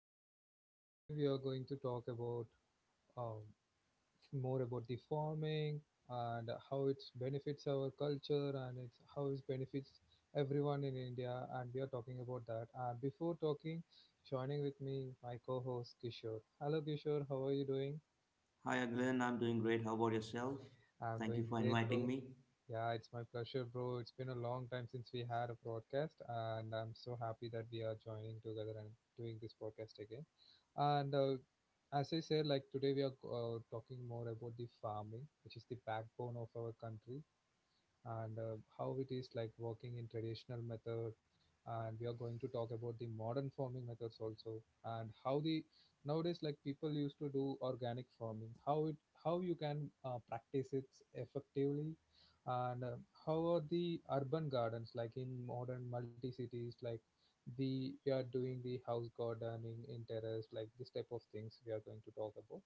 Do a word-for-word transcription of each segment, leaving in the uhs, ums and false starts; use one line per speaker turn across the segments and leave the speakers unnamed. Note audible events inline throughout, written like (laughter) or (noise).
podcast. Today we are going to talk about um, more about the farming, and how it benefits our culture and it's how it benefits everyone in India, and we are talking about that. And before talking, joining with me my co-host Kishore. Hello Kishore, how are you doing?
Hi, Glenn. I'm doing great. How about yourself?
I'm
Thank you
doing
for
great,
inviting
bro.
me.
Yeah, it's my pleasure, bro. It's been a long time since we had a broadcast, and I'm so happy that we are joining together and doing this podcast again. And uh, As I said, like today we are uh, talking more about the farming, which is the backbone of our country, and uh, how it is like working in traditional method, and we are going to talk about the modern farming methods also, and how the nowadays like people used to do organic farming, how it, how you can uh, practice it effectively, and uh, how are the urban gardens like in modern multi cities, like we are doing the house gardening in terrace, like this type of things we are going to talk about,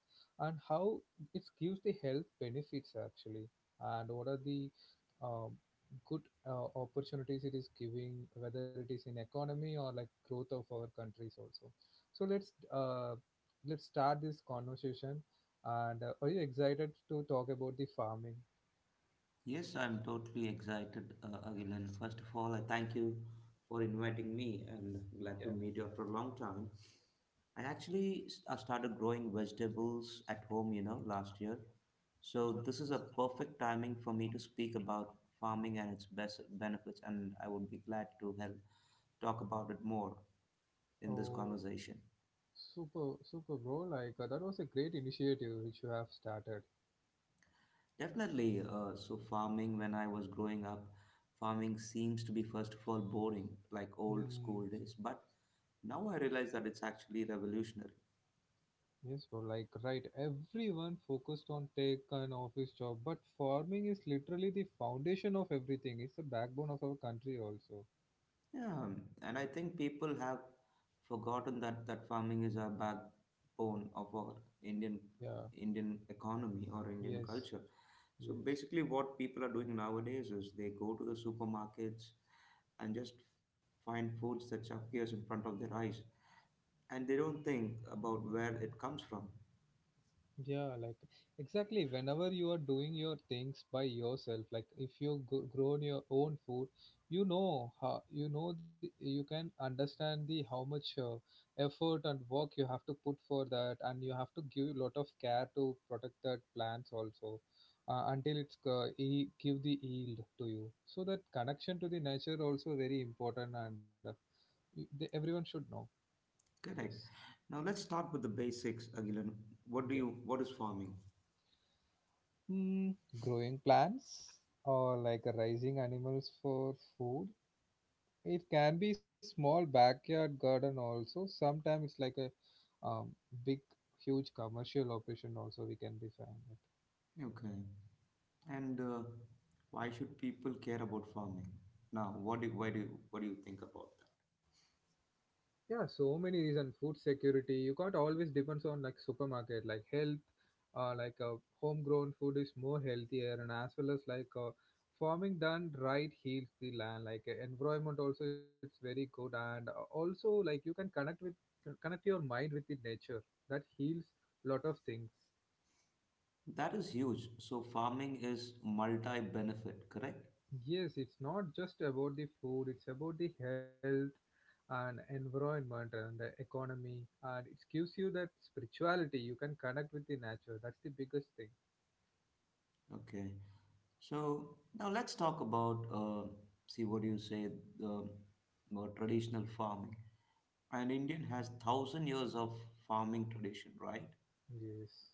and how it gives the health benefits actually, and what are the um, good uh, opportunities it is giving, whether it is in economy or like growth of our countries also. So let's uh, let's start this conversation. And uh, Are you excited to talk about the farming?
Yes, I'm totally excited, uh, Glenn. First of all, I thank you for inviting me and glad
Yeah.
to meet you after a long time. I actually s- I started growing vegetables at home, you know, last year. So
Oh.
this is a perfect timing for me to speak about farming and its best benefits, and I would be glad to help talk about it more in this
Oh,
conversation.
super, super, bro. Like, uh, that was a great initiative which you have started.
Definitely. Uh, so farming, when I was growing up, farming seems to be first of all boring, like old
Hmm.
school days. But now I realize that it's actually revolutionary.
Yes, bro, like right. Everyone focused on take an office job, but farming is literally the foundation of everything. It's the backbone of our country also.
Yeah, um, and I think people have forgotten that that farming is a backbone of our Indian
Yeah.
Indian economy or Indian
Yes.
culture. So
Yes.
basically, what people are doing nowadays is they go to the supermarkets and just find foods that appears in front of their eyes and they don't think about where it comes from.
Yeah, like exactly. Whenever you are doing your things by yourself, like if you go, grown your own food, you know how you know the, you can understand the how much uh, effort and work you have to put for that, and you have to give a lot of care to protect that plants also uh, until it's uh, e- give the yield to you. So that connection to the nature also very important, and uh, you, the, everyone should know. Yes.
Correct. Now let's start with the basics, Agilan. What do
Yeah.
you? What is farming?
Hmm, growing plants or like a raising animals for food. It can be small backyard garden also. Sometimes it's like a um, big, huge commercial operation also we can define.
Okay. And uh, why should people care about farming? Now, what do you, why do you, what do you think about
Yeah, so many reason. Food security. You can't always depends on like supermarket. Like health, uh, like uh, homegrown food is more healthier, and as well as like uh, farming done right heals the land. Like uh, environment also, it's very good, and uh, also like you can connect with connect your mind with the nature. That heals lot of things.
that? That is huge. So farming is multi-benefit, correct?
Yes, it's not just about the food, it's about the health and environment and the economy. And it gives you that spirituality. You can connect with the nature. That's the biggest thing.
Okay. So now let's talk about uh, see what do you say the more traditional farming. And Indian has thousand years of farming tradition, right?
Yes.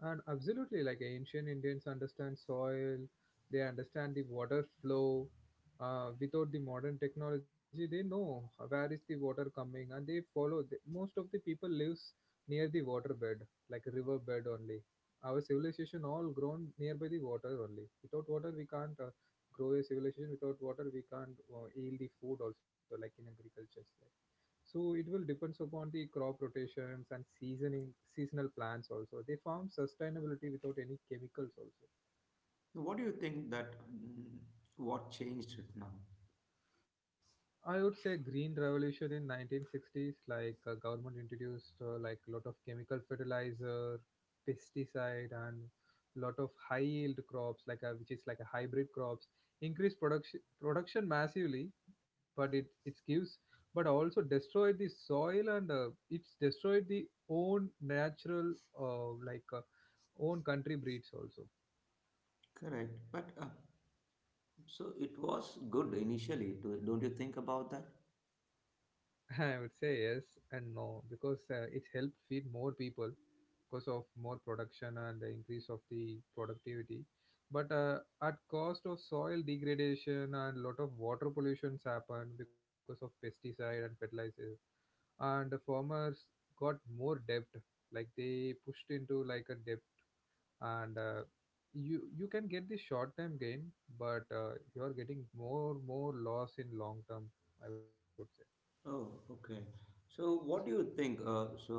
And absolutely, like ancient Indians understand soil, they understand the water flow. Uh, without the modern technology, they know where is the water coming, and they follow. The, most of the people lives near the waterbed, like river bed only. Our civilization all grown nearby the water only. Without water, we can't uh, grow a civilization. Without water, we can't uh, yield the food also, like in agriculture, so it will depends upon the crop rotations and seasoning seasonal plants also they farm sustainability without any chemicals also.
What do you think that mm, what changed it now?
I would say green revolution in nineteen sixties, like uh, government introduced uh, like a lot of chemical fertilizer, pesticide, and lot of high yield crops, like uh, which is like a hybrid crops, increase production production massively, but it it gives, but also destroyed the soil, and uh, it's destroyed the own natural uh, like uh, own country breeds also.
Correct, but uh, so it was good initially, to, don't you think about that?
(laughs) I would say yes and no, because uh, it helped feed more people because of more production and the increase of the productivity, but uh, at cost of soil degradation, and lot of water pollutions happen because of pesticide and fertilizer, and the farmers got more debt, like they pushed into like a debt, and uh, you you can get the short term gain, but uh, you're getting more more loss in long term, I would say.
Oh, okay. So what do you think? Uh, so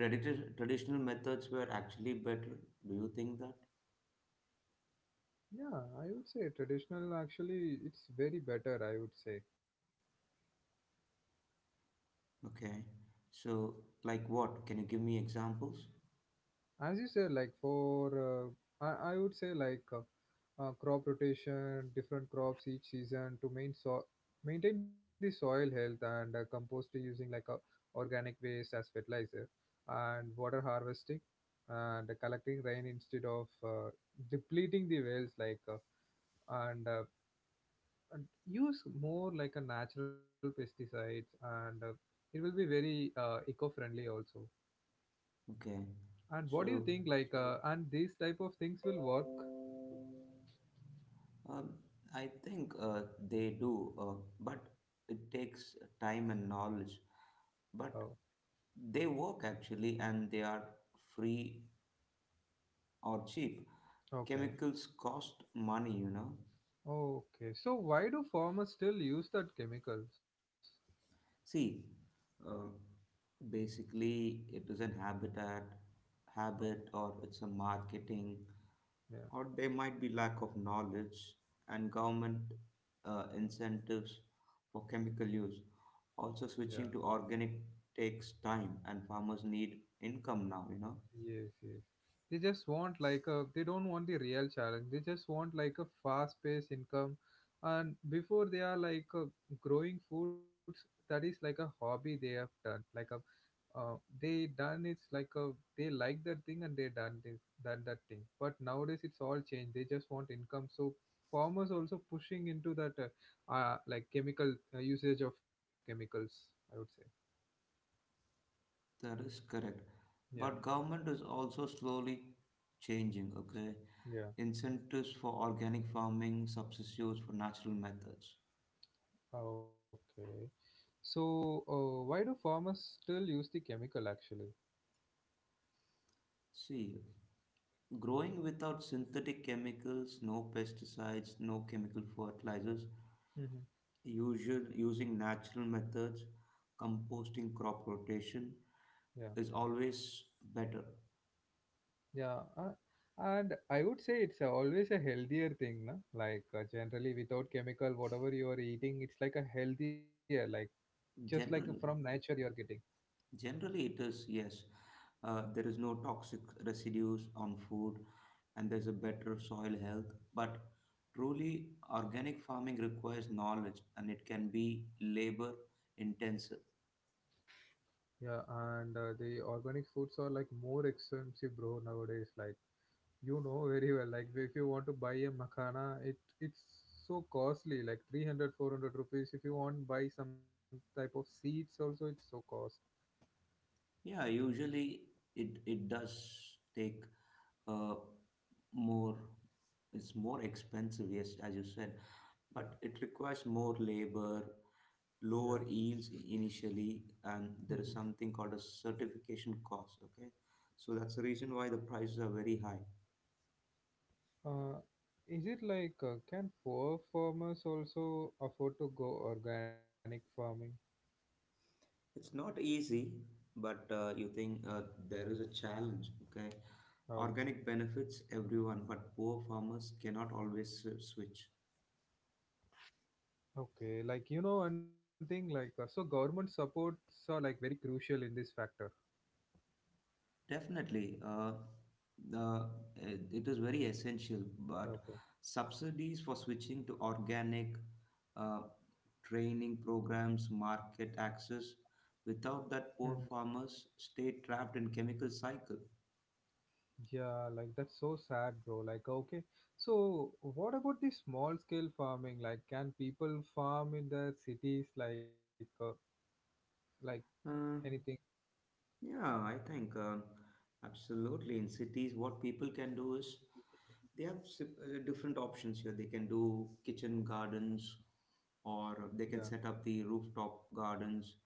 tradi- traditional methods were actually better. Do you think that?
Yeah, I would say traditional actually it's very better, I would say.
Okay. So like what? Can you give me examples?
As you said, like for uh, I, I would say like uh, uh, crop rotation, different crops each season to main so- maintain the soil health, and uh, compost using like a organic waste as fertilizer, and water harvesting, and collecting rain instead of uh, depleting the wells, like uh, and, uh, and use more like a natural pesticides, and uh, it will be very uh, eco-friendly also.
Okay.
And what do you
So
think? Like, uh, and these type of things will work.
um, I think uh, they do, uh, but it takes time and knowledge.
Oh,
But they work actually and they are free or cheap.
okay.
Chemicals cost money, you know.
Okay. So why do farmers still use that chemicals?
See, uh, basically it is an habitat
Oh,
habit, or it's a marketing,
yeah,
or there might be lack of knowledge and government uh, incentives for chemical use. Also
yeah.
switching to organic takes time and farmers need income now, you know.
Yes, yes. They just want like a. They don't want the real challenge. They just want like a fast-paced income, and before they are like uh, growing foods, that is like a hobby they have done, like a uh, they done it's like a, they like that thing, and they done this done that thing, but nowadays it's all changed, they just want income, so farmers also pushing into that uh, uh like chemical uh, usage of chemicals, I would say.
That is correct.
Yeah.
But government is also slowly changing, okay?
Yeah,
Incentives for organic farming, substitutes for natural methods.
okay. So uh, why do farmers still use the chemical actually?
See, growing without synthetic chemicals, no pesticides, no chemical fertilizers,
Hmm.
usual using natural methods, composting, crop rotation
Yeah.
is always better.
Yeah uh, and I would say it's a, always a healthier thing, na? Like uh, generally without chemical whatever you are eating it's like a healthier, like just like from
Generally,
nature you are getting.
generally it is yes. Uh, there is no toxic residues on food and there's a better soil health. But truly, organic farming requires knowledge and it can be labor intensive.
Yeah, and uh, the organic foods are like more expensive, bro, nowadays. Like you know very well. Like if you want to buy a makhana, it it's so costly, like three hundred, four hundred rupees. If you want buy some type of seeds, also it's so cost.
Yeah, usually it, it does take uh, more, it's more expensive, yes, as you said,
Yeah,
but it requires more labor,
yeah.
lower yields initially, and
Hmm.
there is something called a certification cost, okay? So that's the reason why the prices are very high.
Uh, is it like uh, can poor farmers also afford to go organic farming?
It's not easy, but uh, you think uh, there is a challenge, okay?
Oh,
Organic benefits everyone, but poor farmers cannot always s- switch.
okay. Like you know one thing, like uh, so government supports are like very crucial in this factor.
Definitely, uh, the it it is very essential, but
Okay.
subsidies for switching to organic, uh, training programs, market access. Without that,
Hmm.
poor farmers stay trapped in chemical cycle.
Yeah, like that's so sad, bro. Like, okay, so what about the small scale farming? Like, can people farm in the cities? Like, uh, like
Uh,
anything?
Yeah, I think um, absolutely. In cities, what people can do is they have si- uh, different options here. They can do kitchen gardens, or they
Yeah,
can set up the rooftop gardens,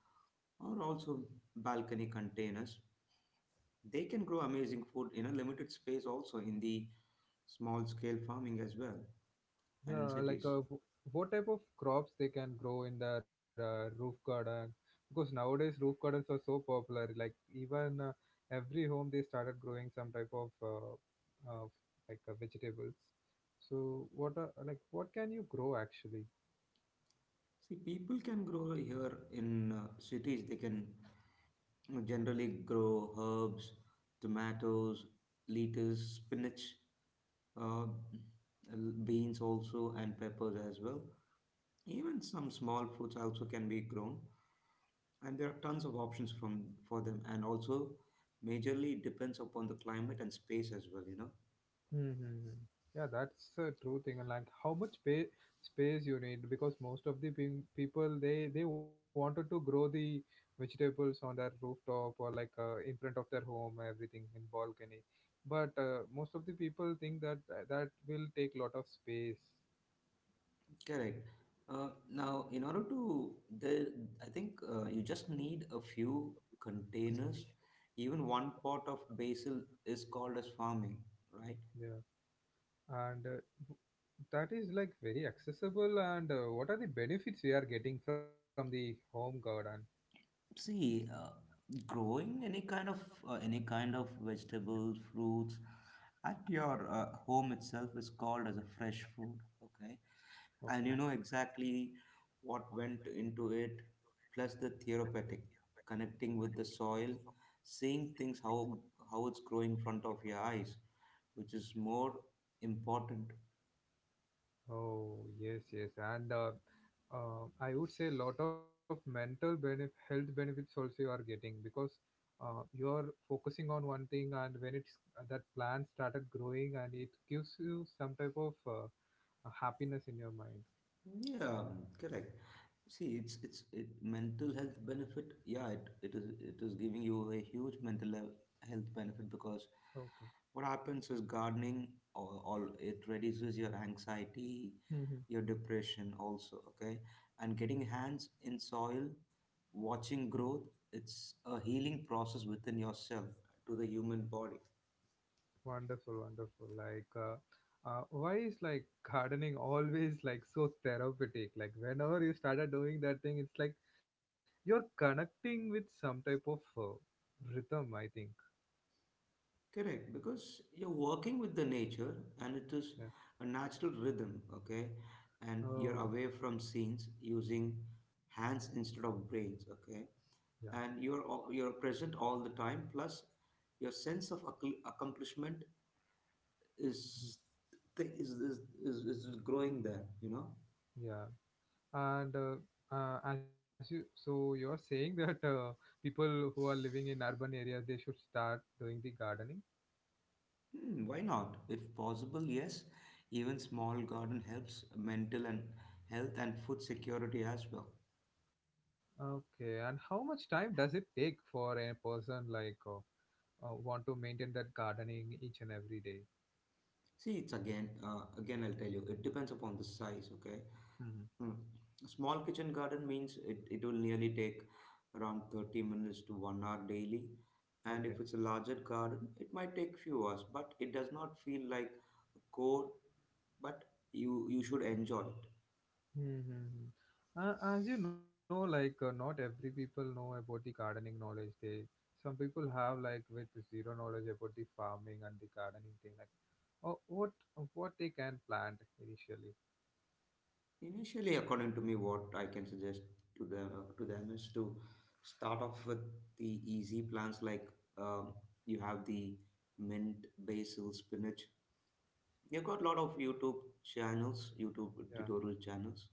or also balcony containers. They can grow amazing food in a limited space, also in the small scale farming as well, and in
yeah. Like,
cities.
uh, w- what type of crops they can grow in their uh, roof garden? Because nowadays roof gardens are so popular. Like, even uh, every home they started growing some type of uh, uh, like uh, vegetables. So, what are like what can you grow actually?
See, people can grow here in uh, cities. They can generally grow herbs, tomatoes, lettuce, spinach, uh, beans also, and peppers as well. Even some small fruits also can be grown, and there are tons of options from for them. And also, majorly depends upon the climate and space as well. You know,
Mm-hmm. Yeah, that's a true thing. And like, how much pay, space you need? Because most of the pe- people they they wanted to grow the vegetables on their rooftop or like uh, in front of their home, everything in balcony. But uh, most of the people think that uh, that will take lot of space.
correct. Uh, now, in order to the, I think uh, you just need a few
Hmm.
containers. Even one pot of basil is called as farming, right?
Yeah, and uh, w- that is like very accessible. And uh, what are the benefits we are getting from the home garden?
See, uh, growing any kind of uh, any kind of vegetables, fruits at your uh, home itself is called as a fresh food, okay? And
Okay.
you know exactly what went into it, plus the therapeutic connecting with the soil, seeing things how how it's growing in front of your eyes, which is more important.
Oh, yes, yes. And uh, uh, I would say a lot of mental benef- health benefits also you are getting, because uh, you are focusing on one thing, and when it's that plant started growing, and it gives you some type of uh, happiness in your mind.
Yeah, correct. See, it's it's it mental health benefit. Yeah, it, it is it is giving you a huge mental he- health benefit because
Okay.
what happens is gardening or, or it reduces your anxiety,
Hmm.
your depression also. Okay, and getting hands in soil, watching growth, it's a healing process within yourself to the human body.
Wonderful, wonderful. Like, uh, uh, why is like (laughs) gardening always like so therapeutic? Like, whenever you started doing that thing, it's like you're connecting with some type of uh, rhythm, I think.
Correct, because you're working with the nature and it is
Yeah.
a natural rhythm, okay? And you're
Oh,
away from scenes using hands instead of brains, okay?
yeah.
And you're al- you're present all the time. Plus, your sense of acc- accomplishment
Mhm.
is, th- is, is is is growing there. You know,
Yeah. And uh, uh, as you, so you're saying (laughs) that uh, people who are living in urban areas, they should start doing the gardening.
hmm, why not? If possible, yes. Even small garden helps mental and health and food security as well.
Okay. And how much time does it take for a person like uh, uh, want to maintain that gardening each and every day?
See, it's again, uh, again, I'll tell you, it depends upon the size, okay? Mm. A small kitchen garden means it, it will nearly take around thirty minutes to one hour daily. And
Mhm.
if it's a larger garden, it might take few hours, but it does not feel like a chore, but you, you should enjoy it.
Mm-hmm. Uh, as you know, like uh, not every people know about the gardening knowledge. They, some people have like with zero knowledge about the farming and the gardening thing. Like, oh, what what they can plant initially.
Initially, according to me, what I can suggest to them, to them is to start off with the easy plants like um, you have the mint, basil, spinach. You have got a lot of YouTube channels, YouTube
Yeah.
tutorial channels,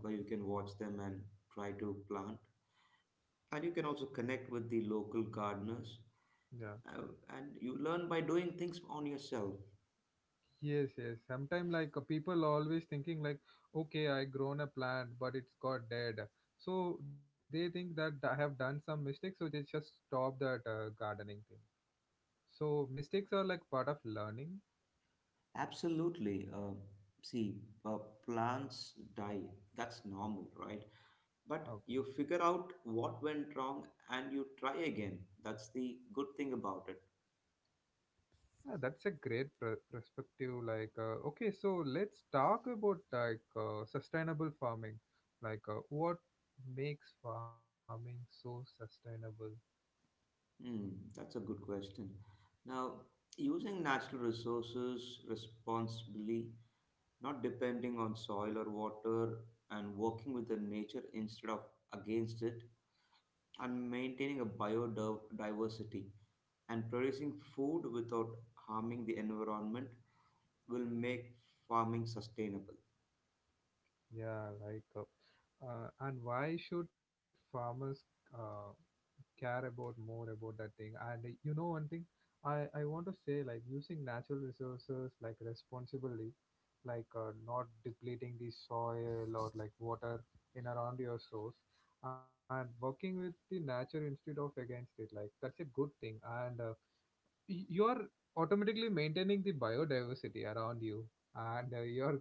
where you can watch them and try to plant. And you can also connect with the local gardeners,
Yeah.
uh, and you learn by doing things on yourself.
Yes. Yes. Sometimes like uh, people always thinking like, okay, I grown a plant, but it's got dead. So they think that I have done some mistake, so they just stop that uh, gardening thing. So mistakes are like part of learning.
Absolutely. Uh, see, uh, Plants die. That's normal, right? But
Okay.
you figure out what went wrong and you try again. That's the good thing about it.
Yeah, that's a great per- perspective. Like, uh, okay, so let's talk about like uh, sustainable farming. Like, uh, what makes farming so sustainable?
Hmm, that's a good question. Now, using natural resources responsibly, not depending on soil or water, and working with the nature instead of against it, and maintaining a biodiversity and producing food without harming the environment will make farming sustainable.
Yeah, like, uh, uh, and why should farmers uh, care about more about that thing? And uh, you know one thing i i want to say, like, using natural resources like responsibly, like uh, not depleting the soil or like water in around your source, and working with the nature instead of against it, like that's a good thing. And uh, y- you are automatically maintaining the biodiversity around you, and uh, you're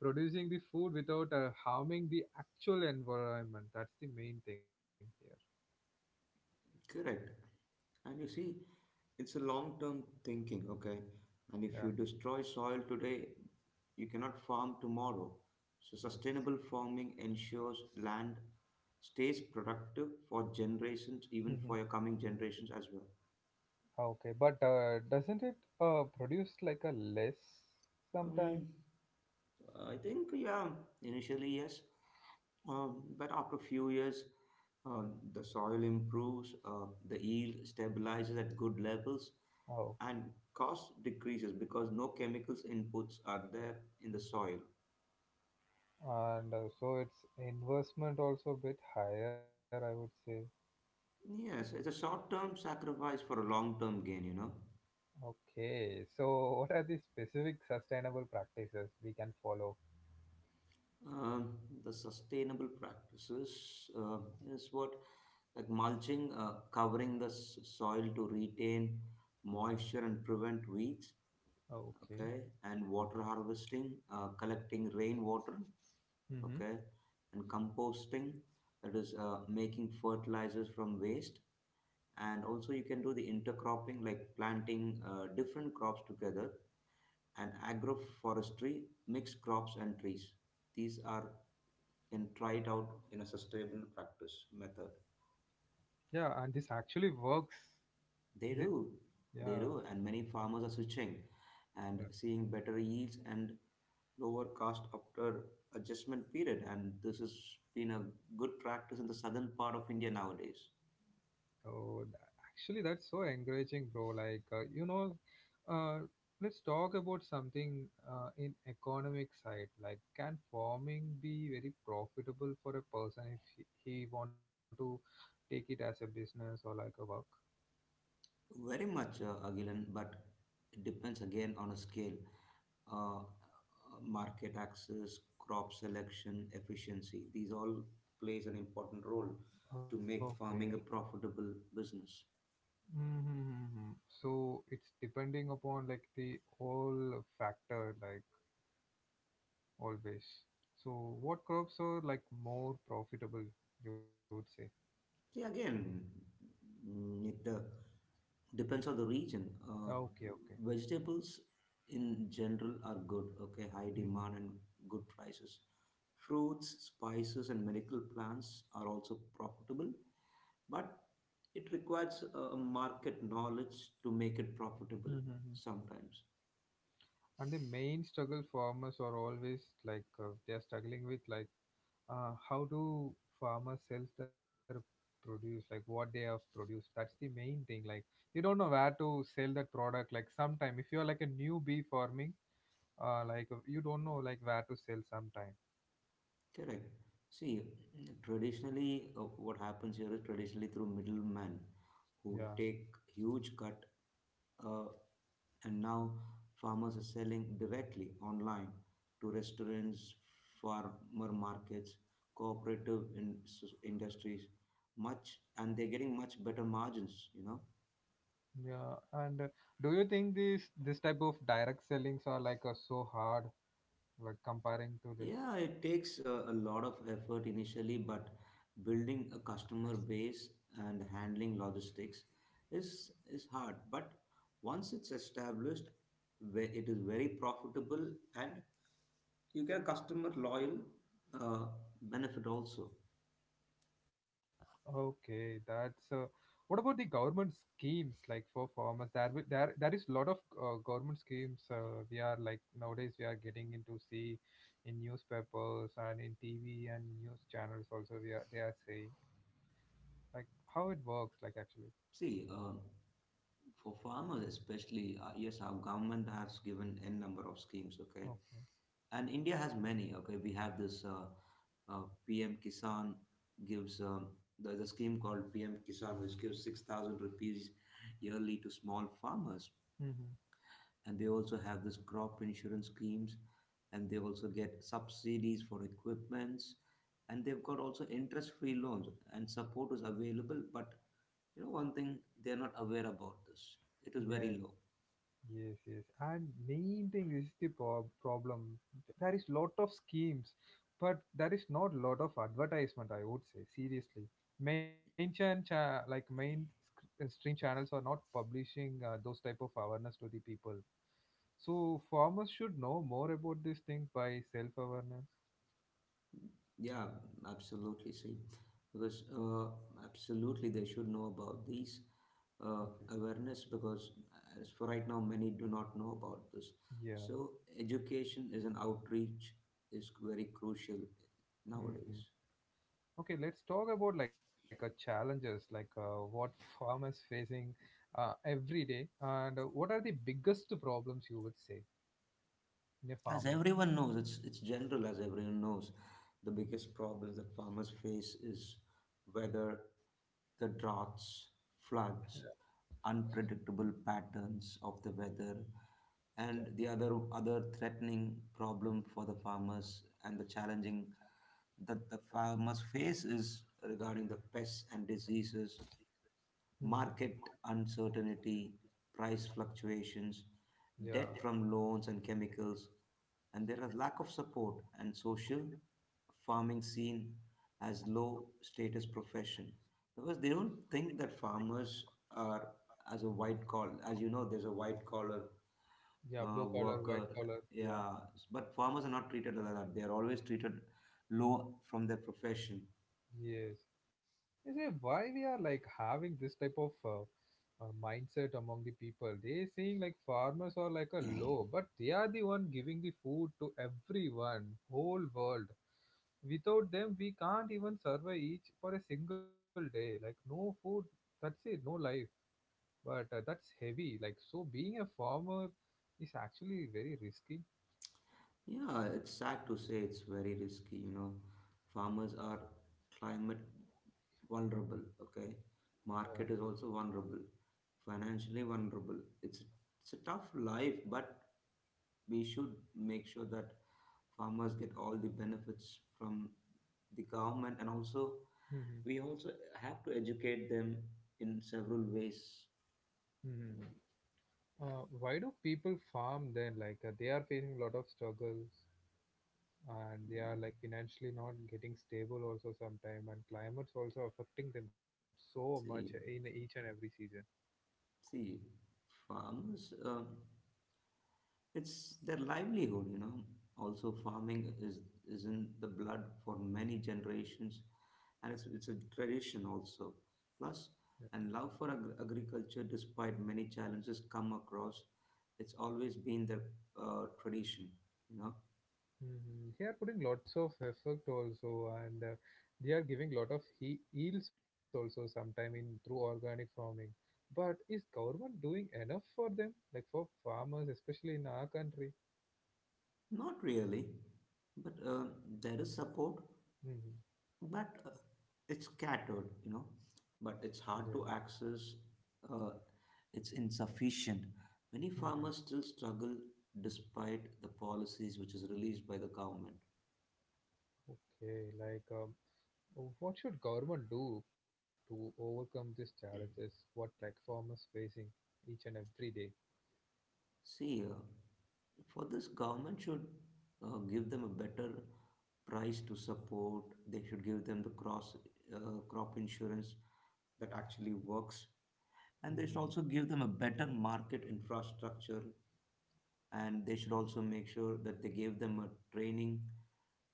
producing the food without uh, harming the actual environment. That's the main thing here.
Correct. And you see, it's a long term thinking, okay? And if
Yeah.
you destroy soil today, you cannot farm tomorrow. So,
Yes.
sustainable farming ensures land stays productive for generations,
Mhm.
even for your coming generations as well.
Okay, but uh, doesn't it uh, produce like a less sometime?
Um, I think, yeah, initially, yes. Um, but after a few years, um, the soil improves, uh, the yield stabilizes at good levels,
Oh,
and cost decreases because no chemicals inputs are there in the soil.
and uh, so its investment also a bit higher, I would say.
Yes, it's a short-term sacrifice for a long-term gain, you know.
Okay, so what are the specific sustainable practices we can follow?
Um, the sustainable practices uh, is what like mulching, uh, covering the s- soil to retain moisture and prevent weeds.
Okay.
Okay, and water harvesting, uh, collecting rainwater,
Mm-hmm.
okay, and composting, that is uh, making fertilizers from waste. And also you can do the intercropping, like planting uh, different crops together, and agroforestry, mixed crops and trees. These are can try it out in a sustainable practice method.
Yeah, and this actually works, is
They
it?
do, they
Yeah.
do, and many farmers are switching and seeing better yields and lower cost after adjustment period, and this has been a good practice in the southern part of India nowadays.
Oh, tha- actually, that's so encouraging, bro. Like, uh, you know, uh, let's talk about something uh, in economic side. Like, can farming be very profitable for a person if he, he want to take it as a business or like a work?
Very much, uh, Agilan, but it depends again on a scale, uh, uh, market access, crop selection, efficiency. These all plays an important role to make
Okay.
farming a profitable business.
Mm-hmm. So it's depending upon like the all factor, like always. So what crops are like more profitable, you would say?
See again, mm, it uh, depends on the region. Uh,
Okay, okay.
vegetables in general are good, okay, high
Mhm.
demand and good prices. Fruits, spices, and medical plants are also profitable, but it requires a a market knowledge to make it profitable
Mm-hmm.
sometimes.
And the main struggle farmers are always like, uh, they are struggling with, like, uh, how do farmers sell their produce, like what they have produced. That's the main thing, like they don't know where to sell that product. Like sometime if you're like a newbie farming, uh, like uh, you don't know like where to sell sometime.
Correct. See, traditionally, uh, what happens here is traditionally through middlemen
Yeah.
who take huge cut, uh, and now farmers are selling directly online to restaurants, farmer markets, cooperative in- industries, much, and they're getting much better margins, you know.
Yeah, and uh, do you think these this type of direct sellings are like uh, so hard like comparing to this?
Yeah, it takes a, a lot of effort initially, but building a customer base and handling logistics is is hard. But once it's established, ve- it is very profitable, and you get a customer loyal uh, benefit also.
Okay, that's uh, what about the government schemes like for farmers? There, wi- there, there is a lot of uh, government schemes. Uh, we are like nowadays we are getting into see in newspapers and in T V and news channels also. We are they are saying like how it works like actually.
See, uh, for farmers especially, uh, yes, our government has given n number of schemes. Okay,
Okay.
and India has many. Okay, we have this uh, uh, P M Kisan gives um, there's a scheme called P M Kisan which gives six thousand rupees yearly to small farmers,
Mm-hmm.
and they also have this crop insurance schemes, and they also get subsidies for equipments, and they've got also interest free loans and support is available, but you know one thing, they're not aware about this. It is very low.
Yes, yes. And main thing is the prob- problem. There is lot of schemes, but there is not lot of advertisement. I would say seriously, main chan cha- like main sc- uh, stream channels are not publishing uh, those type of awareness to the people. So farmers should know more about this thing by self awareness.
Yeah, absolutely, see, because uh, absolutely they should know about these uh,
Okay.
awareness, because as for right now many do not know about this.
Yeah.
So education is an outreach is very crucial
Mhm.
nowadays.
Okay, let's talk about like a challenges, like uh, what farmers facing uh, every day, and uh, what are the biggest problems you would say in a
As
farming?
everyone knows, it's it's general. As everyone knows, the biggest problem that farmers face is weather, the droughts, floods, unpredictable patterns of the weather,
Yeah.
and the other other threatening problem for the farmers and the challenging that the farmers face is regarding the pests and diseases,
Mhm.
market uncertainty, price fluctuations,
Yeah,
debt from loans and chemicals, and there are lack of support and social. Farming seen as low status profession, because they don't think that farmers are as a white collar. As you know, there's a white collar
yeah.
uh,
Blue collar,
worker,
white collar.
yeah.
Yeah,
But farmers are not treated like that. They are always treated low from their profession.
yes. Is it why we are like having this type of uh, uh, mindset among the people? They saying like farmers are like a low,
(clears throat)
but they are the one giving the food to everyone, whole world. Without them we can't even survive each for a single day, like no food, that's it, no life. But uh, that's heavy, like, so being a farmer is actually very risky.
Yeah, it's sad to say, it's very risky, you know. Farmers are climate vulnerable, okay?
Yeah.
Market is also vulnerable, financially vulnerable. It's it's a tough life, but we should make sure that farmers get all the benefits from the government, and also
Hmm.
we also have to educate them in several ways.
Hmm. Uh, why do people farm then, like uh, they are facing a lot of struggles, and they are like financially not getting stable also sometime, and climates also affecting them so much in
See,
each and every season?
see, farmers. Um, It's their livelihood, you know. Also, farming is is in the blood for many generations, and it's it's a tradition also. Plus, and love for ag- agriculture, despite many challenges come across, it's always been their uh, tradition, you know.
Mhm. They are putting lots of effort also, and uh, they are giving lot of he- yields also sometime in through organic farming. But is government doing enough for them, like for farmers, especially in our country?
Not really, but uh, there is support,
Hmm.
but uh, it's scattered, you know, but
Yeah.
it's hard to access. uh, it's insufficient, many
Hmm.
farmers still struggle despite the policies which is released by the government.
Okay, like, um, w- what should government do to overcome these challenges? What like farmers facing each and every day?
See uh, For this, government should uh, give them a better price to support. They should give them the cross uh, crop insurance that actually works, and they
Mm-hmm.
should also give them a better market infrastructure, and they should also make sure that they give them a training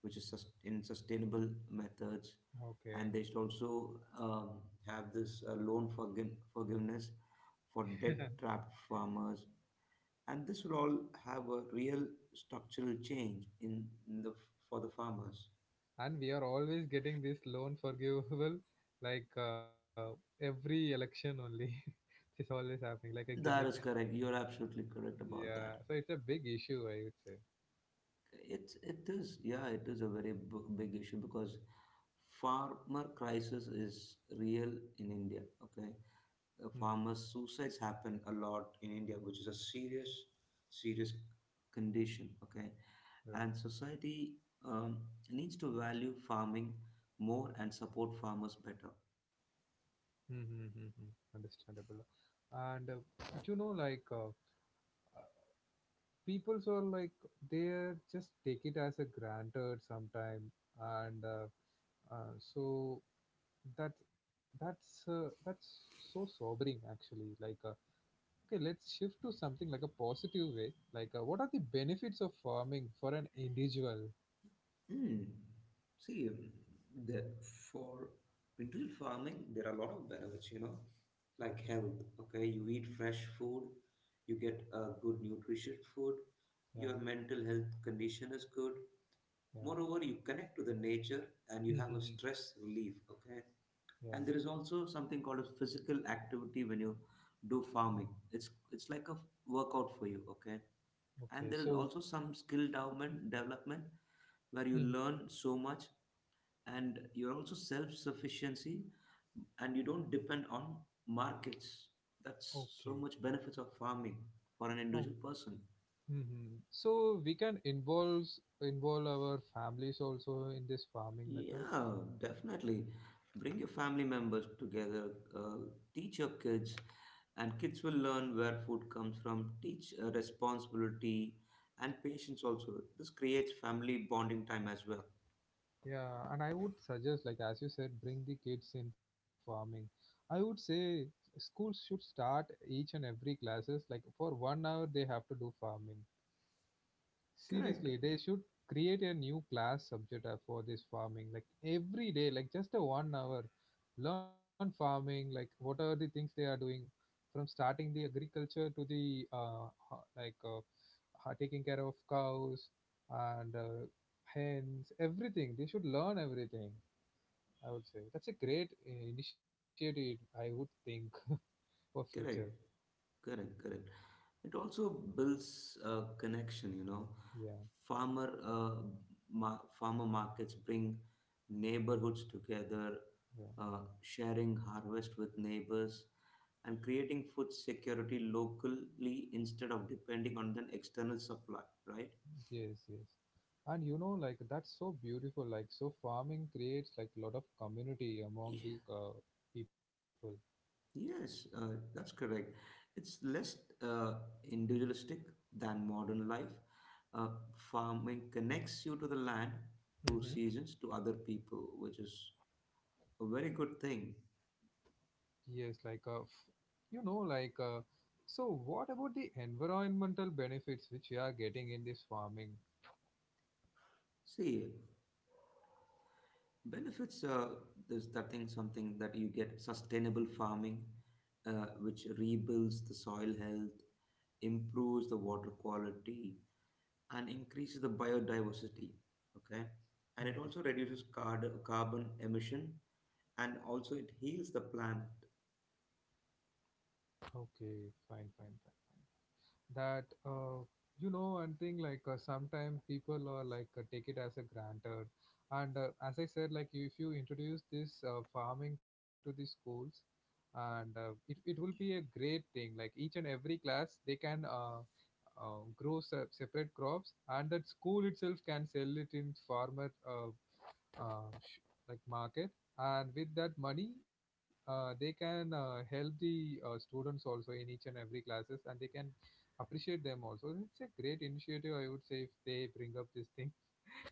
which is sus- in sustainable methods, and
Okay.
they should also um, have this uh, loan forgi- forgiveness for debt
(laughs)
trapped farmers, and this will all have a real structural change in, in the for the farmers.
and we are always getting this loan forgivable, (laughs) like uh, every election only. (laughs) it's always happening like a gimmick.
That is correct, you're absolutely correct about that.
Yeah, so it's a big issue, I would say.
It's it is yeah, it is a very b- big issue, because farmer crisis is real in India, okay. Uh,
Hmm.
farmers' suicides happen a lot in India, which is a serious, serious condition. Okay,
Yeah.
and society um, needs to value farming more and support farmers better.
Mm-hmm. Understandable. And uh, but you know like, uh, uh, people's are like they just take it as a granted sometime. And uh, uh, so that that's uh, that's so sobering actually, like, uh, okay, let's shift to something like a positive way. Like, uh, what are the benefits of farming for an individual?
Hmm. See, the, for individual farming, there are a lot of benefits, you know,
Okay.
like health. Okay, you eat fresh food, you get a good nutritious food,
Yeah,
your mental health condition is good,
yeah.
moreover you connect to the nature and you have a
Mm-hmm.
stress relief, okay. And
Yeah.
there is also something called a physical activity. When you do farming, it's it's like a workout for you, okay. And
Okay,
there is
so
also some skill development development where you
hmm,
learn so much, and you're also self sufficiency, and you don't depend on markets. That's
okay,
so much benefits of farming for an
oh,
individual person.
hmm, so we can involve involve our families also in this farming method.
Yeah, definitely. Bring your family members together, uh, teach your kids, and kids will learn where food comes from, teach uh, responsibility and patience also. This creates family bonding time as well.
Yeah, and I would suggest, like as you said, bring the kids in farming. I would say schools should start each and every classes, like for one hour they have to do farming.
Correct.
Seriously, they should create a new class subject uh, for this farming. Like every day, like just a one hour, learn farming. Like what are the things they are doing, from starting the agriculture to the uh, ho- like uh, ho- taking care of cows and uh, hens, everything. They should learn everything. I would say that's a great uh, initiative, I would think, for future.
Correct, correct, correct. It also builds a connection, you know.
Yeah,
Farmer, uh, ma- farmer markets bring neighborhoods together,
yeah.
uh, sharing harvest with neighbors, and creating food security locally instead of depending on an external supply, right?
Yes, yes. And you know, like that's so beautiful. Like, so farming creates like a lot of community among the uh, people.
Yes, uh, that's correct. It's less uh, individualistic than modern life. Uh, Farming connects you to the land, to
Hmm.
seasons, to other people, which is a very good thing.
Yes, like uh, f- you know, like, uh, so, what about the environmental benefits which we are getting in this farming?
See, benefits uh, is that thing, something that you get. Sustainable farming, uh, which rebuilds the soil health, improves the water quality, and increases the biodiversity, okay. And it
Hmm.
also reduces card- carbon emission, and also it heals the planet.
Okay, fine, fine, fine, fine. That uh, you know one thing, like, uh, sometimes people are like uh, take it as a granted. And uh, as I said, like if you introduce this uh, farming to the schools, and uh, it, it will be a great thing, like each and every class they can uh, uh, grow se- separate crops, and that school itself can sell it in farmer uh, uh, sh- (laughs) like market. And with that money uh, they can uh, help the uh, students also in each and every classes, and they can appreciate them also. It's a great initiative, I would say, if they bring up this thing.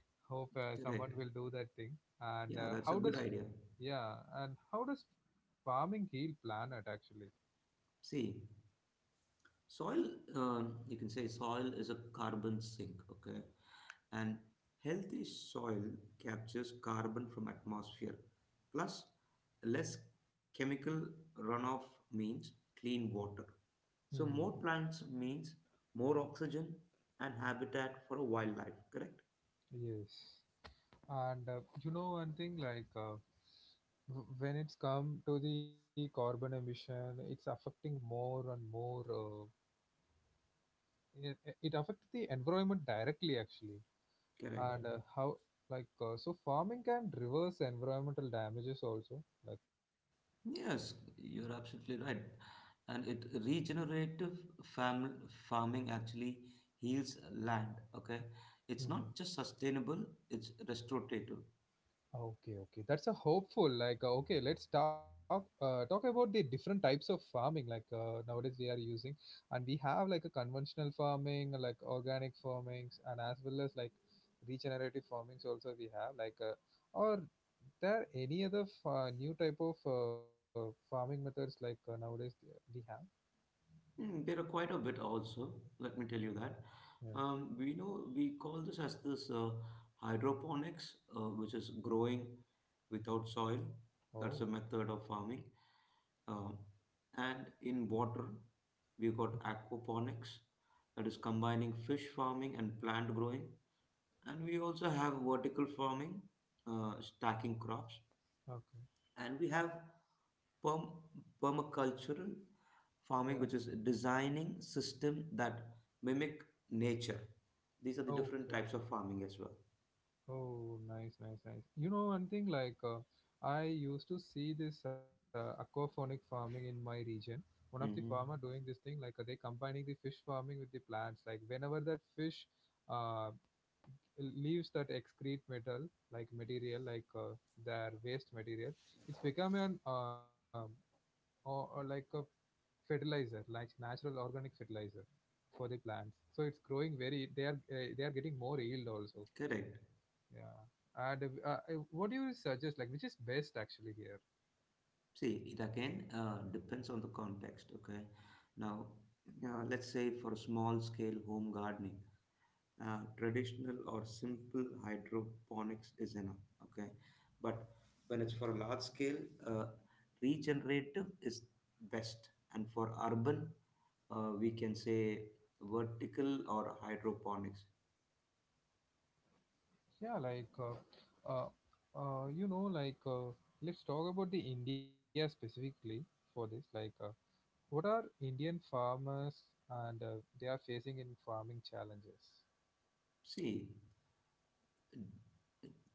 (laughs) hope uh,
Correct.
someone will do that thing. And
Yeah,
uh,
that's a
how
good
does
idea.
Yeah, and how does farming heal planet actually?
See, soil, um, you can say soil is a carbon sink, okay. And healthy soil captures carbon from atmosphere. Plus, less chemical runoff means clean water. So
Hmm.
more plants means more oxygen and habitat for wildlife, correct.
Yes, and uh, you know one thing, like, uh, w- when it's come to the carbon emission, it's affecting more and more. Uh, it, it affects the environment directly actually.
Correct.
And uh, mhm, how like, uh, so farming can reverse environmental damages also, like.
Yes, you're absolutely right. And it regenerative fam- farming actually heals land. Okay, it's
Mhm.
not just sustainable; it's restorative.
Okay, okay, that's a hopeful, like, uh, okay, let's talk uh, talk about the different types of farming, like, uh, nowadays we are using. And we have like a conventional farming, like organic farmings, and as well as like regenerative farmings also. We have like, uh, or there any other fa- new type of uh, farming methods like, uh, nowadays we have?
Mm, there are quite a bit also, let me tell you that.
Yeah.
Um, we know we call this as this uh, hydroponics, uh, which is growing without soil. That's a
Oh.
method of farming. Um, and in water, we've got
Mhm.
aquaponics, that is combining fish farming and plant growing. And we also have vertical farming, uh, stacking crops.
Okay.
And we have Perm- permacultural
Yeah.
farming, which is designing system that mimic nature. These are the different
Okay.
types of farming as well.
Oh, nice, nice, nice. You know, one thing, like, uh, I used to see this uh, aquaphonic farming in my region. One of the farmer
Hmm.
doing this thing, like, uh, they combining the fish farming with the plants. Like whenever that fish uh, leaves that excrete metal, like material, like, uh, their waste material, it's become an um, or, or like a fertilizer, like natural organic fertilizer, for the plants, so it's growing very, they are uh, they are getting more yield also.
Correct.
Yeah, and uh, uh, what do you suggest, like which is best actually here?
See, it again uh, depends on the context. Okay. Now, uh, let's say for a small scale home gardening, uh, traditional or simple hydroponics is enough, okay. But when it's for a large scale, uh, regenerative is best, and for urban, uh, we can say vertical or hydroponics.
Yeah, like, uh, uh, uh, you know like uh, let's talk about the India specifically for this, like, uh, what are Indian farmers, and uh, they are facing in farming challenges?
See,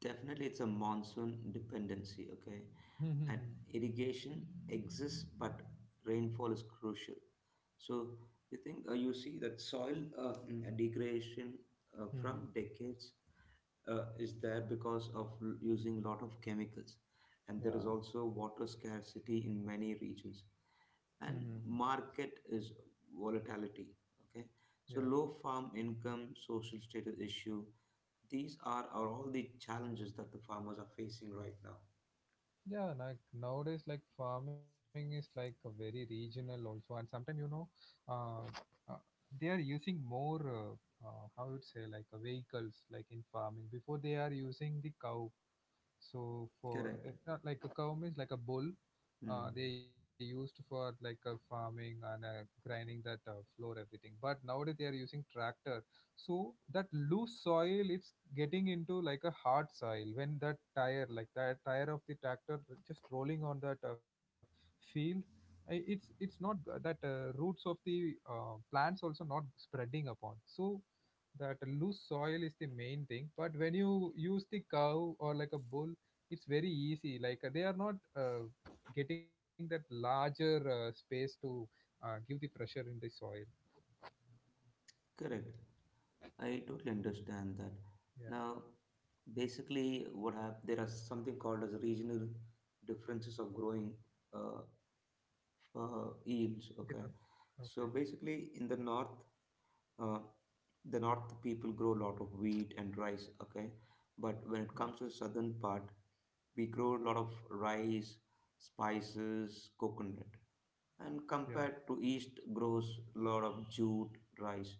definitely, it's a monsoon dependency, okay? And irrigation exists, but rainfall is crucial. So you think uh, you see that soil uh, mm, degradation uh, from decades uh, is there because of l- using a lot of chemicals, and there is
(laughs) yeah.
also water scarcity in many regions, and market is volatility. Okay, so
(laughs) yeah.
low farm income, social status issue, these are, are all the challenges that the farmers are facing right now.
Yeah, like nowadays, like farming is like a very regional also, and sometimes you know, uh, uh, they are using more uh, uh, how would say, like, uh, vehicles like in farming. Before they are using the cow, so for
Correct.
like not like a cow means like a bull, uh,
Hmm.
they used for like a farming and uh, grinding that uh, floor, everything. But nowadays they are using tractor, so that loose soil it's getting into like a hard soil. When that tire like that tire of the tractor just rolling on that uh, field, I- it's it's not g- that uh, roots of the uh, plants also not spreading upon. So that loose soil is the main thing. But when you use the cow or like a bull, it's very easy, like, uh, they are not uh, getting that larger uh, space to uh, give the pressure in the soil.
Correct. I totally understand that.
Yeah.
Now, basically, what hap- there are something called as regional differences of growing uh, uh, yields.
Different.
Okay,
Okay.
so basically, in the north, uh, the north people grow a lot of wheat and rice. Okay, but when it
Yeah,
comes to the southern part, we grow a lot of rice, spices, coconut,
yeah,
and compared to east grows a lot of jute rice,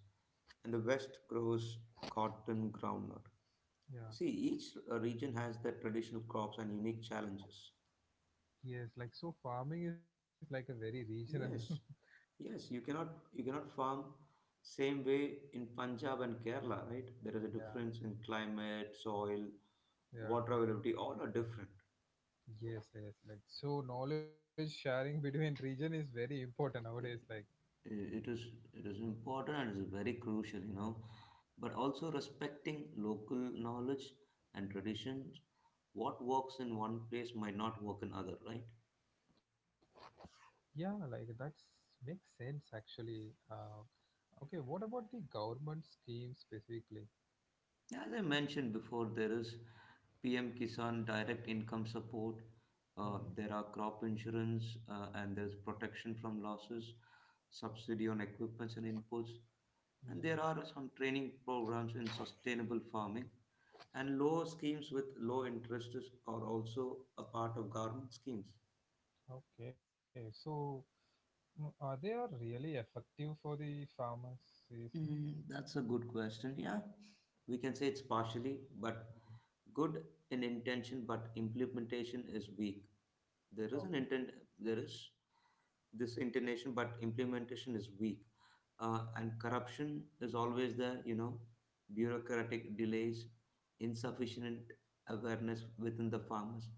and the west grows cotton, groundnut.
yeah.
See, each uh, region has their traditional crops and unique challenges.
Yes, like, so farming is like a very regional. (laughs)
Yes, yes. You cannot you cannot farm same way in Punjab and Kerala, right? There is a difference
yeah.
in climate, soil, water
Yeah.
availability, all are different.
Yes, yes, like, so knowledge sharing (laughs) between region is very important nowadays, like.
It is it is important, and it is very crucial, you know. But also respecting local knowledge and traditions, what works in one place might not work in other, right.
Yeah, like that's makes sense actually. Uh, okay, what about the government scheme specifically?
As I mentioned before, there is PM Kisan direct income support, uh, there are
Hmm.
crop insurance, uh, and there's protection from losses, subsidy on equipments and inputs, and there are
Hmm.
some training programs in sustainable farming. And low schemes with low interest is- are also a part of government schemes.
Okay, so mm, are they are really effective for the farmers?
Mm,
Seriously?
that's a good question. Yeah, we can say it's partially, but
Mhm.
good in intention, but implementation is weak. There is an intent.
Okay.
There is this intention, but implementation is weak. Uh, and corruption is always there. You know, bureaucratic delays, insufficient
Hmm.
awareness within the farmers,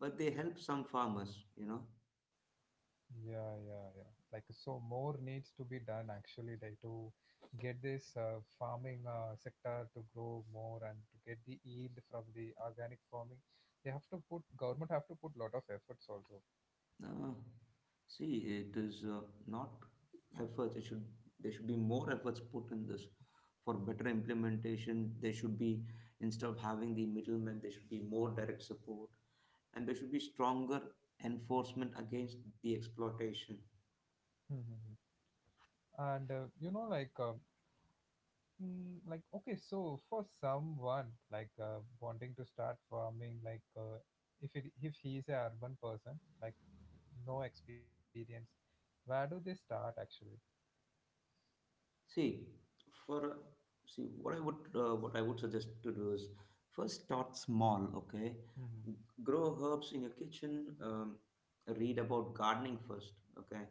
but they help some farmers, you know.
Yeah, yeah, yeah. Like, so more needs to be done actually, like, to get this uh, farming uh, sector to grow more and to get the yield from the organic farming. They have to put, government have to put lot of efforts also.
Uh, See, it is uh, not efforts. It should there should be more efforts put in this for
Okay.
better implementation. There should be, instead of having the middlemen, there should be more direct support, and there should be stronger enforcement against the exploitation.
hmm And uh, you know, like, um, Mm, like, okay, so for someone, like, uh, wanting to start farming, like, uh, if it if he is a urban person, like no experience, where do they start actually?
See, for see what I would uh, what I would suggest to do is first start small. Okay,
hmm
grow herbs in your kitchen. Um, read about gardening first. Okay,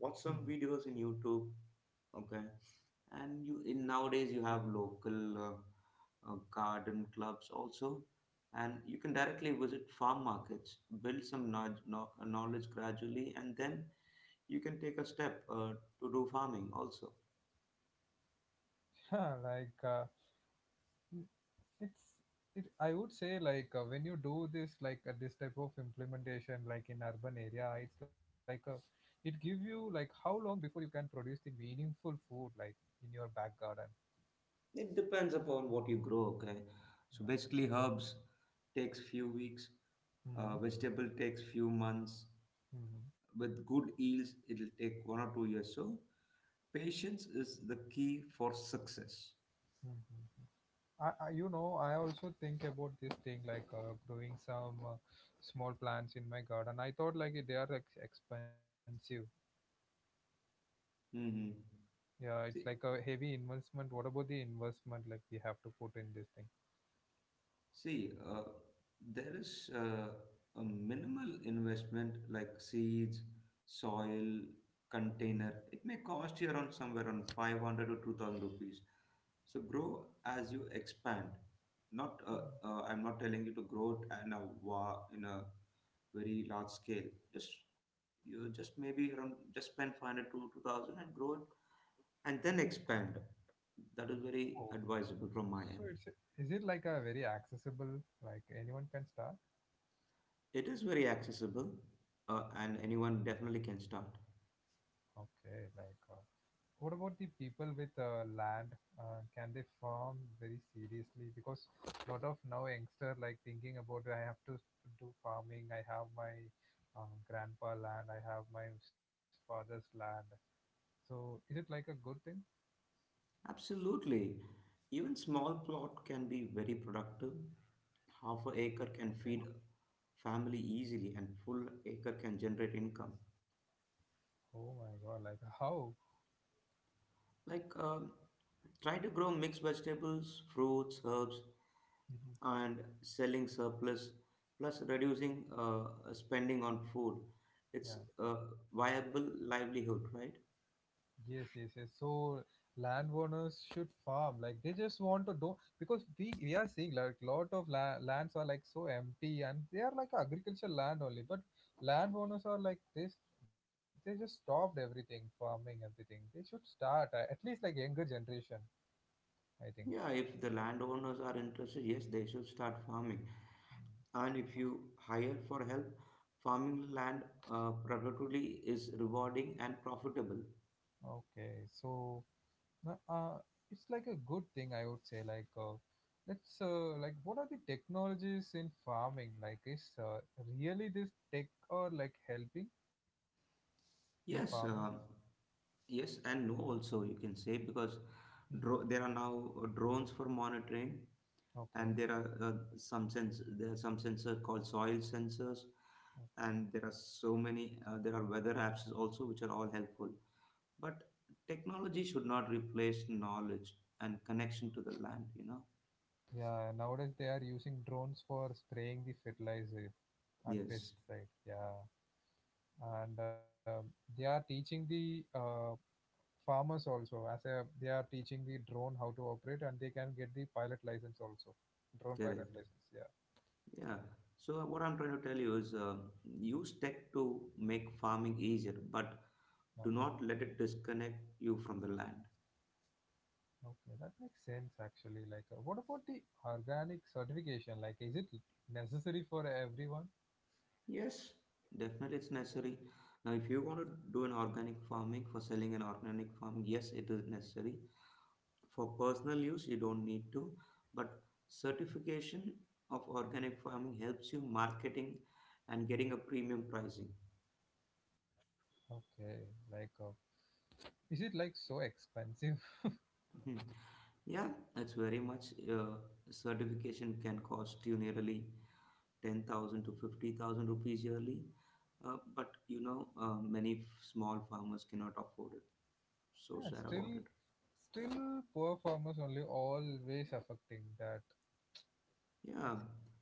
watch some videos in YouTube. Okay, and you in nowadays you have local uh, uh, garden clubs also, and you can directly visit farm markets. Build some knowledge, knowledge gradually, and then you can take a step uh, to do farming also.
yeah, (laughs) like, uh, n- it's it I would say, like, uh, when you do this, like, uh, this type of implementation, like in urban area, it's like a it give you, like, how long before you can produce the meaningful food, like in your back garden?
It depends upon what you grow, okay? So
Yeah.
basically, herbs takes few weeks,
Hmm.
uh, vegetable takes few months. With good yields, it'll take one or two years. So patience is the key for success.
Hmm. I, I, you know, I also think about this thing, like, uh, growing some, uh, small plants in my garden. I thought like they are ex- expensive.
Mhm.
Yeah, it's
See,
like a heavy investment. What about the investment like we have to put in this thing?
See, uh, there is uh, a minimal investment like seeds, soil,
Hmm.
container. It may cost you around somewhere around five hundred to two thousand rupees. So grow as you expand. Not uh, uh, I'm not telling you to grow it in a wa- in a very large scale. Just you just maybe around just spend five hundred to two thousand and grow it and then expand. That is very
Oh,
advisable from my
so
end.
it's is it like a very accessible? Like, anyone can start?
It is very accessible, uh, and anyone definitely can start.
Okay, like. Uh, What about the people with, uh, land? Uh, can they farm very seriously? Because a lot of now youngster, like, thinking about I have to do farming. I have my, uh, grandpa land. I have my father's land. So is it like a good thing?
Absolutely. Even small plot can be very productive. Half a acre
Okay.
can feed a family easily, and full acre can generate income.
Oh my God! Like, how?
Like, um try to grow mixed vegetables, fruits, herbs,
Mhm.
and selling surplus, plus reducing uh, spending on food. It's
Yeah.
a viable livelihood, right?
Yes, yes, yes. So landowners should farm. Like, they just want to do because we we are seeing like lot of la- lands are like so empty and they are like agricultural land only. But landowners are like this. They just stopped everything, farming everything. They should start, uh, at least like younger generation, I think.
Yeah, if the landowners are interested, yes, they should start farming.
Mm.
And if you hire for help, farming land uh, productively is rewarding and profitable.
Okay, so, no, Uh, it's like a good thing, I would say. Like, uh, let's, uh, like, what are the technologies in farming? Like, is, uh, really this tech or like helping in farming?
Yes, uh, yes, and no, also you can say, because
Hmm.
dro- there are now uh, drones for monitoring, and
Okay,
there are uh, some sens- there are some sensors called soil sensors,
okay.
and there are so many uh, there are weather apps also, which are all helpful. But technology should not replace knowledge and connection to the land, you know?
Yeah, nowadays they are using drones for spraying the fertilizer and
Yes,
pesticide. Yeah, and um, they are teaching the, uh, farmers also, as a they are teaching the drone how to operate, and they can get the pilot license also, drone
correct.
pilot license. Yeah.
Yeah. So, uh, what I'm trying to tell you is uh, use tech to make farming easier, but
Okay.
do not let it disconnect you from the land.
Okay, that makes sense actually. Like, uh, what about the organic certification? Like, is it necessary for everyone?
Yes, definitely it's necessary. Now, if you want to do an organic farming for selling an organic farm, yes, it is necessary. For personal use, you don't need to, but certification of organic farming helps you marketing and getting a premium pricing.
Okay, like, uh, is it like so expensive? (laughs)
Mhm. Yeah, that's very much. Uh, certification can cost you nearly ten thousand to fifty thousand rupees yearly, uh, but you know, uh, many f- small farmers cannot afford it.
Yeah,
So sad
still,
about it.
still poor farmers only always affecting that.
Yeah,
It's,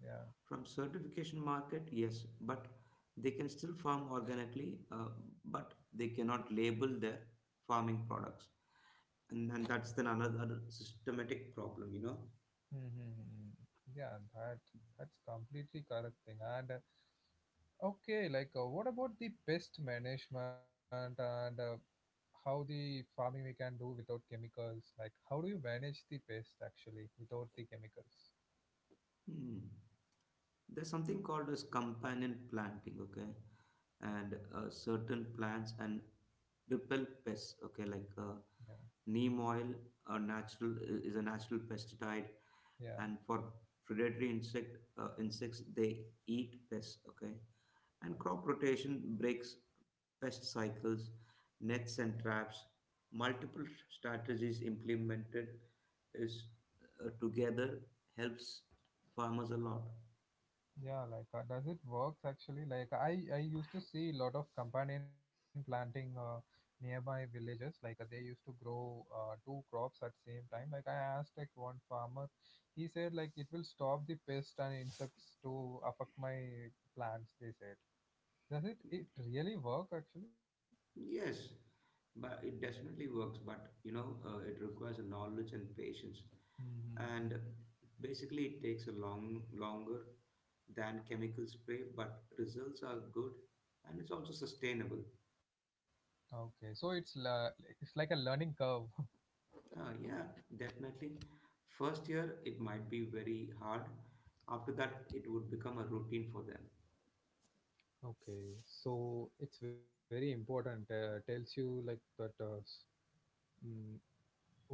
yeah,
from certification market, yes, but they can still farm organically, uh, but they cannot label their farming products, and, and that's then another systematic problem, you know.
mm-hmm. Yeah, that that's completely correct thing. And, uh, okay, like, uh, what about the pest management and, uh, how the farming we can do without chemicals? Like, how do you manage the pest actually without the chemicals?
Hmm. There's something called as companion planting, okay, and uh, certain plants and repel pests, okay, like, uh,
Yeah,
neem oil, a natural is a natural pesticide.
yeah,
And for predatory insect uh, insects, they eat pests, okay. And
yeah,
crop rotation breaks pest cycles, nets and traps. Multiple strategies implemented is, uh, together, helps farmers a lot.
yeah. Yeah, like, uh, does it works actually? Like, I I used to see a lot of companion planting, uh, nearby villages. Like, uh, they used to grow, uh, two crops at same time. Like, I asked like one farmer, he said like it will stop the pest and insects to affect my plants, they said. Does it it really work actually?
Yes, but it definitely works. But, you know, uh, it requires a knowledge and patience, and
Mm-hmm.
basically, it takes a long longer than chemical spray. But results are good, and it's also sustainable.
Okay, so it's la- it's like a learning curve. (laughs)
Uh, yeah, definitely. First year, it might be very hard. After that, it would become a routine for them.
Okay, so it's very important. Uh, tells you like that. Uh, s- mm,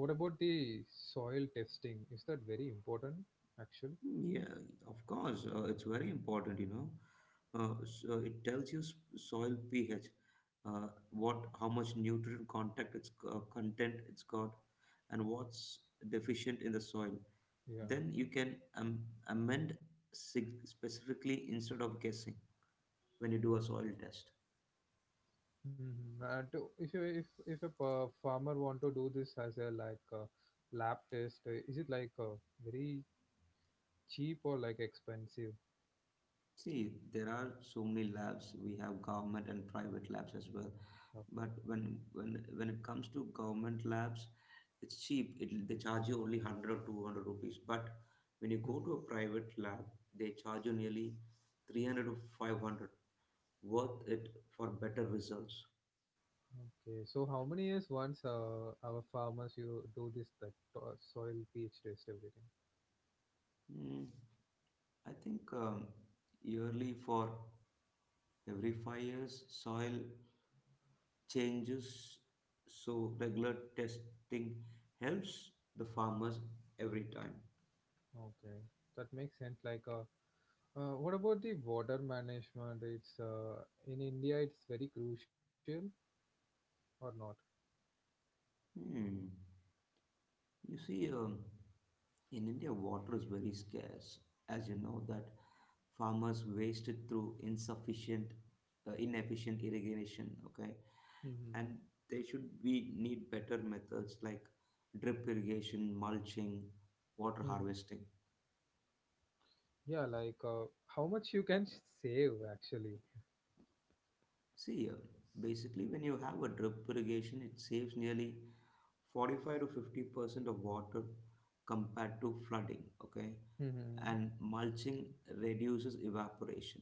what about the soil testing? Is that very important actually?
Mm, yeah, of course, uh, it's very important, you know. Uh, so it tells you s- soil pH, uh, what how much nutrient contact it's uh, content it's got, and what's deficient in the soil. Then
Yeah.
you can um, amend sig- specifically instead of guessing when you do a soil test.
Mm-hmm. And, to, if you if if a pa- farmer want to do this, as a like, uh, lab test, uh, is it like, uh, very cheap or like expensive?
See, there are so many labs. We have government and private labs as well. But
Okay.
when when when it comes to government labs, it's cheap. It they charge you only one hundred or two hundred rupees. But when you go to a private lab, they charge you nearly three hundred to five hundred. Worth it for better results.
Okay, so how many years once, uh, our farmers you do this, that, to- soil pH test, everything?
Hmm. I think um, yearly, for every five years, soil changes, so regular testing helps the farmers every time.
Okay, that makes sense. Like, uh, uh, what about the water management? It's, uh, in India, it's very crucial or not?
Hmm. You see, um, in India, water is very scarce, as you know, that farmers waste it through insufficient, uh, inefficient irrigation. Okay,
Mhm.
and they should be need better methods like drip irrigation, mulching, water
Hmm.
harvesting.
Yeah, like, uh, how much you can s- save actually.
See, uh, basically, when you have a drip irrigation, it saves nearly forty-five to 50 percent of water compared to flooding, okay.
Hmm.
And mulching reduces evaporation,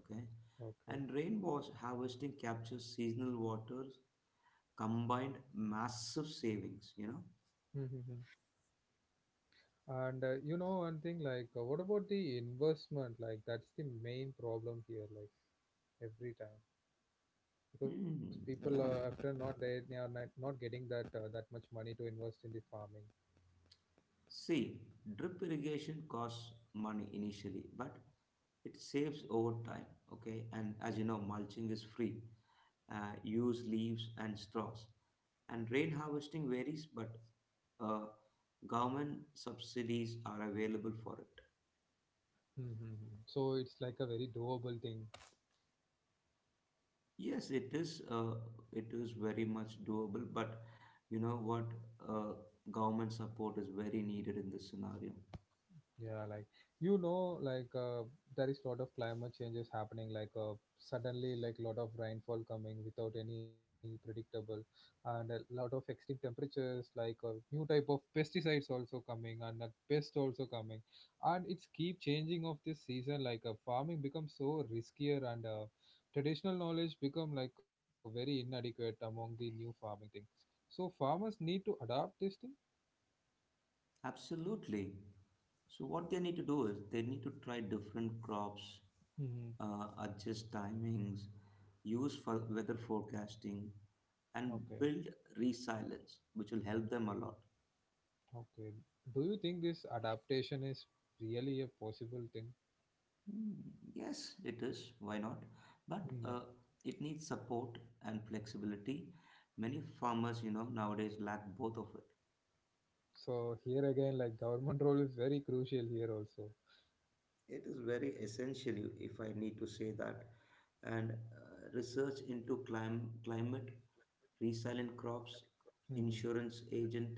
okay.
Okay.
And rain was harvesting captures seasonal waters, combined massive savings, you know.
Hmm. And, uh, you know one thing, like, uh, what about the investment? Like, that's the main problem here, like, every time. Because
Hmm,
people,
yeah,
uh, after not they, they are not, not getting that, uh, that much money to invest in the farming.
see, drip irrigation costs money initially, but it saves over time, okay. And, as you know, mulching is free. Uh, use leaves and straws. And rain harvesting varies, but uh, government subsidies are available for it.
Mm-hmm. So it's like a very doable thing.
Yes, it is. Uh, it is very much doable, but you know what? Uh, Government support is very needed in this scenario.
Yeah, like, you know, like, uh, there is a lot of climate changes happening. Like, uh, suddenly, like, lot of rainfall coming without any predictable, and a lot of extreme temperatures. Like, uh, new type of pesticides also coming, and, uh, pest also coming, and it's keep changing of this season. Like, uh, farming becomes so riskier, and, uh, traditional knowledge become like very inadequate among the new farming things. So farmers need to adapt this thing.
Absolutely. So what they need to do is they need to try different crops,
Hmm.
uh, adjust timings, use for weather forecasting,
Okay.
and build resilience, which will help them a lot.
Okay. Do you think this adaptation is really a possible thing?
Mm, yes, it is. Why not? But
Hmm.
uh, it needs support and flexibility. Many farmers, you know, nowadays lack both of it.
So here again, like, government (laughs) role is very crucial here also.
It is very essential, if I need to say that. And uh, research into clim- climate resilient crops,
Hmm.
insurance agent,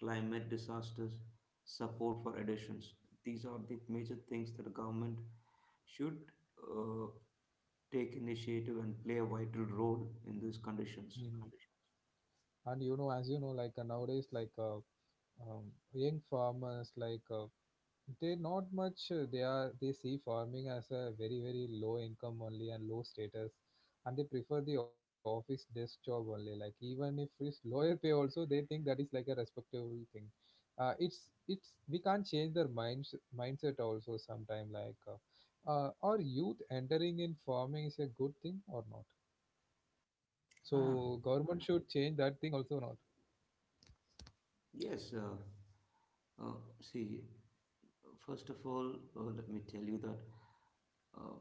climate disasters, support for additions. These are the major things that the government should, uh, take initiative and play a vital role in these
Hmm.
conditions.
And, you know, as you know, like, uh, nowadays, like, uh, um, young farmers, like, uh, they not much, uh, they are they see farming as a very very low income only and low status, and they prefer the office desk job only, like, even if it's lower pay also, they think that is like a respectable thing. uh, it's it's we can't change their minds mindset also sometime, like, uh, uh, are youth entering in farming is a good thing or not?
Ah,
So government should change that thing also, not?
yes. Uh, uh, See, first of all, uh, let me tell you that, uh,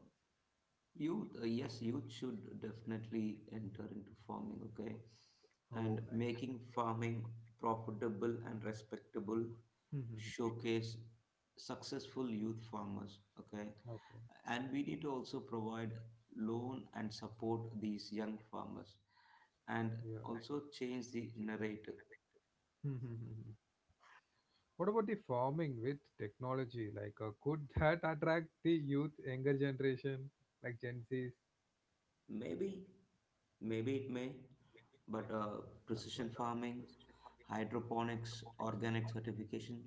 youth, uh, yes, youth should definitely enter into farming, okay?
Oh,
And
nice.
making farming profitable and respectable, showcase successful youth farmers, okay?
(laughs) Okay.
And we need to also provide loan and support these young farmers, and also change the narrative.
Yeah. (laughs) What about the farming with technology? Like, uh, could (laughs) that attract the youth, younger generation, like Gen Zs?
Maybe, maybe it may, but uh,
Okay,
precision farming, hydroponics, organic certification,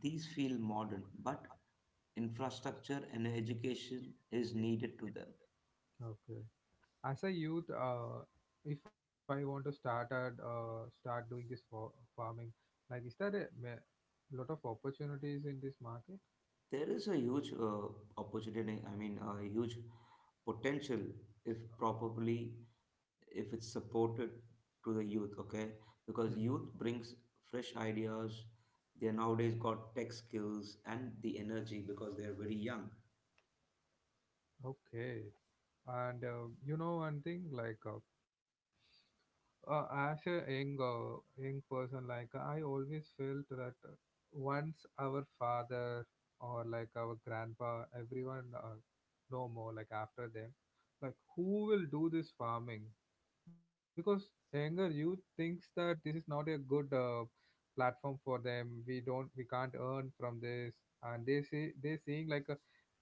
these feel modern, but infrastructure and education is needed to them.
okay. As a youth, uh, if I want to start at, uh, start doing this for farming, like, is there a ma- lot of opportunities in this market?
There is a huge uh, opportunity, I mean, a huge potential if
Okay.
properly, if it's supported to the youth, okay? Because
Mhm.
youth brings fresh ideas. They nowadays got tech skills and the energy because they're very young.
Okay. And, uh, you know one thing, like, uh, uh, as a young uh, young person, like, I always felt that, uh, once our father or like our grandpa everyone, uh, no more, like, after them, like, who will do this farming because younger youth thinks that this is not a good, uh, platform for them. We don't we can't earn from this. And they see they seeing like a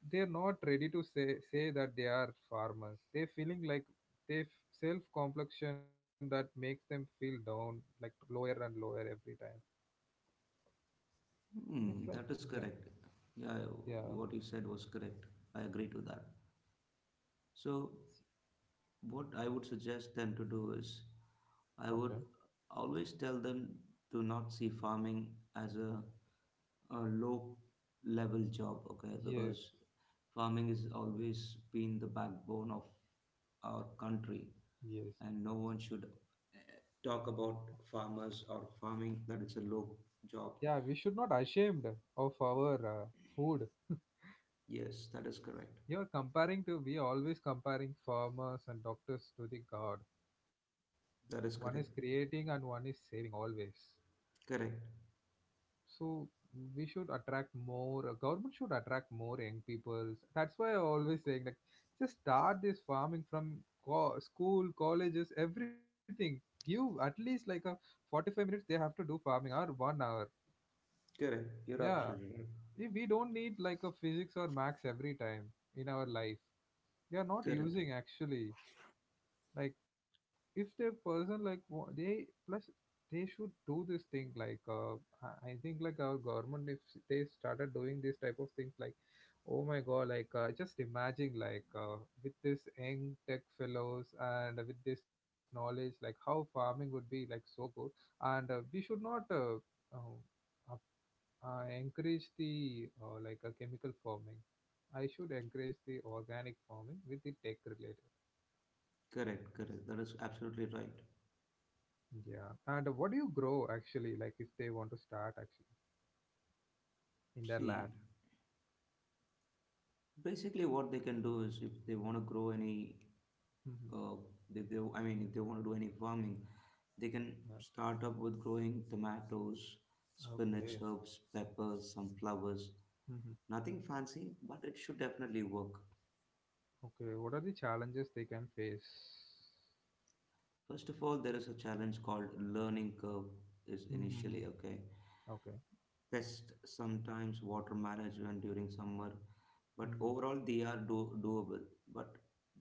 they're not ready to say say that they are farmers. They feeling like they self complexion that makes them feel down, like, lower and lower every time. It's
Hmm,
like
that is
Yeah,
correct. Yeah,
yeah.
what you said was correct. I agree to that. So, what I would suggest them to do is,
Okay.
I would always tell them to not see farming as a, a low level job, okay?
Yes,
Because farming has always been the backbone of our country,
yes,
and no one should, eh, talk about farmers or farming that it's a low job.
yeah. We should not ashamed of our, uh, food.
Yes, that is correct.
You're comparing to we always comparing farmers and doctors to the god. One
That
is
is correct.
creating and one is saving always.
Correct.
So we should attract more. uh, Government should attract more young people. That's why I always saying, like, just start this farming from co- school, colleges, everything. Give at least like a forty-five minutes. They have to do farming or one hour.
Correct. You're
Yeah,
absolutely right.
we we don't need like a physics or max every time in our life. We are not
Correct.
using actually, like, if the person like wa- they plus they should do this thing, like, uh, i I think like our government, if they started doing this type of things, like, oh my god, like, uh, just imagine, like, uh, with this young tech fellows and with this knowledge, like, how farming would be like so good. And, uh, we should not, uh, uh, up- uh, encourage the, uh, like a chemical farming. I should encourage the organic farming with the tech related.
Correct. Correct. That is absolutely right.
Yeah. And, uh, what do you grow actually, like if they want to start actually in their
See,
land?
basically, what they can do is if they want to grow any,
Hmm.
uh, if they, I mean, if they want to do any farming, they can start up with growing tomatoes, spinach,
Okay.
herbs, peppers, some flowers.
Hmm.
Nothing fancy, but it should definitely work.
Okay. What are the challenges they can face?
First of all, there is a challenge called learning curve is initially,
Mm-hmm.
okay.
Okay.
Pest sometimes water management during summer, but overall
Hmm.
they are do- doable, but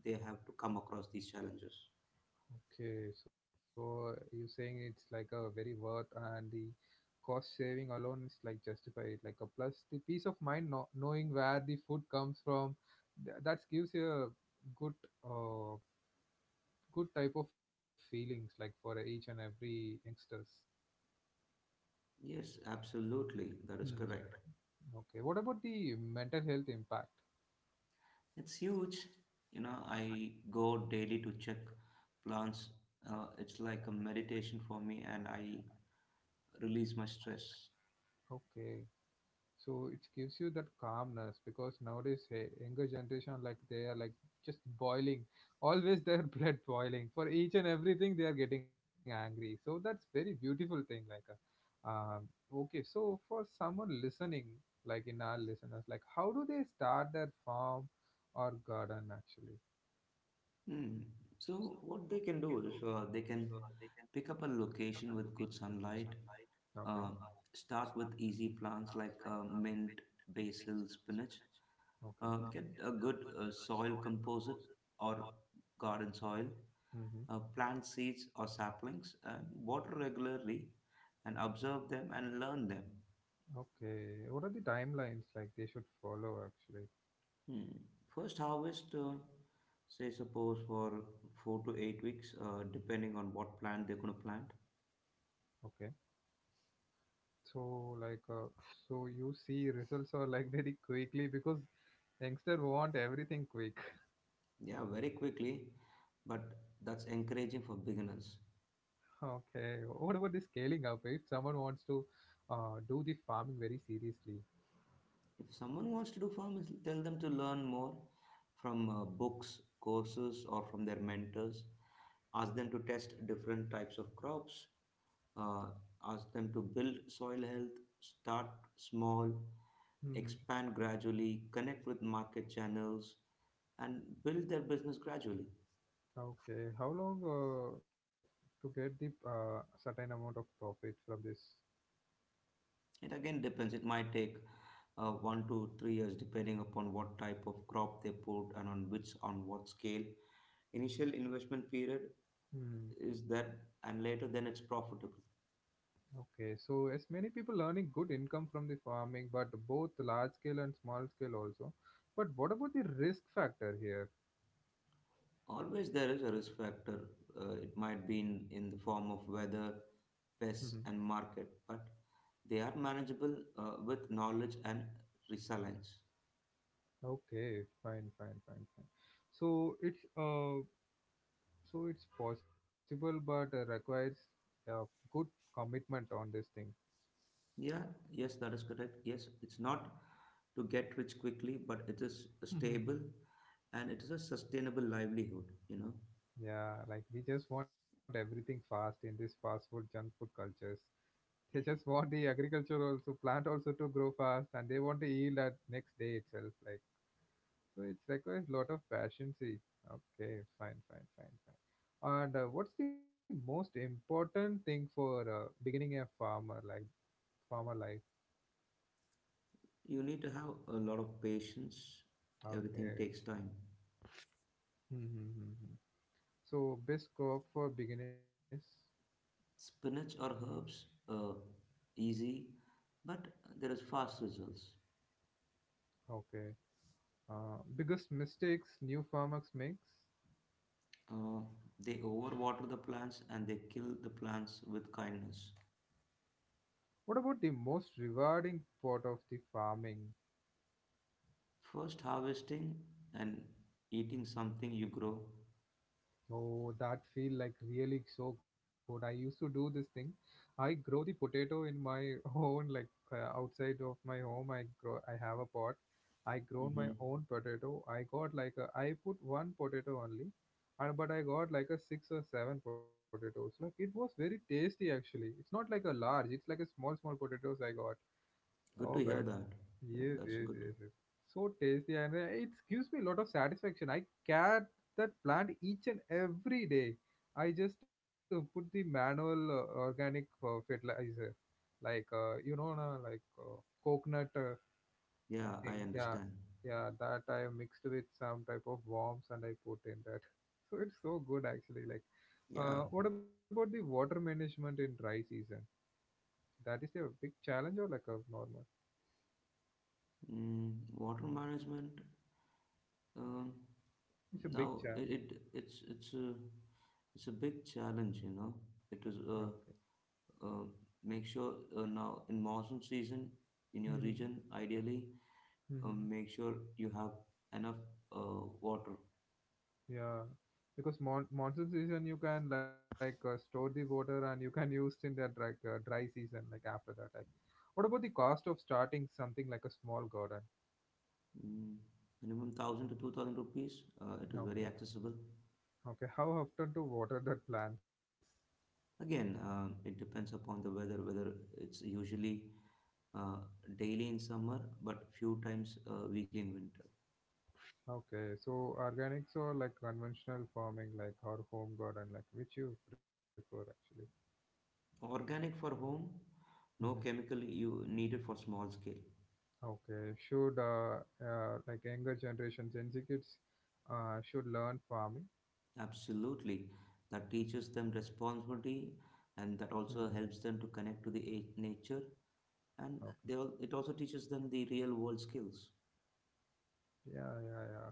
they have to come across these challenges.
Okay. So you're saying it's like a very worth and the cost saving alone is like justified, like a plus the peace of mind no- knowing where the food comes from. Th- that gives you a good, uh, good type of feelings like for each and every youngsters.
Yes, absolutely, that is
Hmm.
correct.
Okay. What about the mental health impact?
It's huge, you know. I go daily to check plants. Uh, it's like a meditation for me, and I release my stress.
Okay. So it gives you that calmness because nowadays, hey, younger generation like they are like just boiling, always their (laughs) blood boiling for each and everything. They are getting angry. So that's very beautiful thing. Like, uh, um, okay. So for someone listening, like in our listeners, like how do they start their farm or garden actually?
Hmm. So what they can do is, uh, they can pick up a location with good sunlight,
Okay.
uh, start with easy plants like, uh, mint, basil, spinach. Uh,
Okay.
get a good uh, soil composite or garden soil.
Mm-hmm.
Uh, plant seeds or saplings and water regularly, and observe them and learn them.
Okay, what are the timelines like they should follow actually?
Hmm. First harvest, uh, say suppose for four to eight weeks, uh, depending on what plant they're going to plant.
Okay, so, like, uh, so you see results are like (laughs) very quickly because youngster want everything quick. (laughs)
Yeah, very quickly, but that's encouraging for beginners.
Okay, what about the scaling up? If someone wants to, uh, do the farming very seriously.
If someone wants to do farming, tell them to learn more from, uh, books, courses, or from their mentors. Ask them to test different types of crops, uh, ask them to build soil health, start small,
Hmm.
expand gradually, connect with market channels, and build their business gradually.
Okay, how long, uh, to get the, uh, certain amount of profit from this?
It again depends. It might take, uh, one to three years, depending upon what type of crop they put and on which on what scale. Initial investment period
Hmm.
is that, and later then it's profitable.
Okay, so as many people earning good income from the farming, but both large scale and small scale also. But what about the risk factor here?
Always there is a risk factor. Uh, it might be in, in the form of weather,
Mm-hmm.
pests, and market, but they are manageable, uh, with knowledge and resilience.
Okay, fine, fine, fine, fine. So it's uh, so it's possible, but, uh, requires, uh, good commitment on this thing.
Yeah, yes, that is correct. Yes, it's not to get rich quickly, but it is
Mhm.
stable, and it is a sustainable livelihood. You know,
Yeah, like, we just want everything fast in this fast food, junk food cultures. They just want the agriculture also, plant also to grow fast, and they want to yield at next day itself, like. So it requires a lot of patience. Okay, fine, fine, fine, fine. And, uh, what's the most important thing for, uh, beginning a farmer like farmer life?
you need to have a lot of patience, everything
Okay.
takes time.
Mm-hmm. So best crop for beginners.
Spinach or herbs, uh, easy, but there is fast results.
Okay. Uh, biggest mistakes new farmers makes.
Uh, they overwater the plants, and they kill the plants with kindness.
What about the most rewarding part of the farming?
First, harvesting and eating something you grow.
Oh, that feel like really so good. I used to do this thing. I grow the potato in my (laughs) own, like, uh, outside of my home. I grow. I have a pot. I grown my
Hmm.
own potato. I got like a, I put one potato only, and but I got like a six or seven potatoes. Like, it was very tasty actually. It's not like a large. It's like a small small potatoes I got.
Good
Oh
to hear
god.
that. Yeah,
Yes,
that's
yes,
good.
yes, yes. So tasty, and, uh, it gives me a lot of satisfaction. I care that plant each and every day. I just, uh, put the manual, uh, organic, uh, fertilizer, like, uh, you know, na, like, uh, coconut, uh,
Yeah, I
thing. Yeah,
understand.
yeah, that I mixed with some type of worms, and I put in that. (laughs) So it's so good actually. Like,
Yeah,
uh, what about the water management in dry season? That is a big challenge or like a normal?
mm, water management. Um,
It's a big
Now
challenge.
it, it it's it's a it's a big challenge. You know,
Yeah,
it is,
okay.
uh, uh, make sure, uh, now in monsoon season in your region,
(laughs)
ideally, um,
Hmm.
make sure you have enough uh, water.
Yeah, because mon monsoon season you can, like, uh, store the water and you can use in that, like, uh, dry season, like after that, like. What about the cost of starting something like a small garden?
Mm, Minimum one thousand to two thousand rupees. Uh, it is very
Okay,
accessible.
okay. How often to water the plants?
Again, um, it depends upon the weather, whether it's usually, uh, daily in summer, but few times uh, weekly in winter.
Okay, so organics or like conventional farming, like our home garden, like which you prefer actually?
Organic for home,
Hmm.
no chemical you needed for small scale.
Okay, should, uh, uh, like, younger generation Gen Z kids, uh, should learn farming?
Absolutely. That teaches them responsibility, and that
Hmm.
also helps them to connect to the a- nature, and
Okay.
they all, it also teaches them the real world skills.
Yeah, yeah, yeah.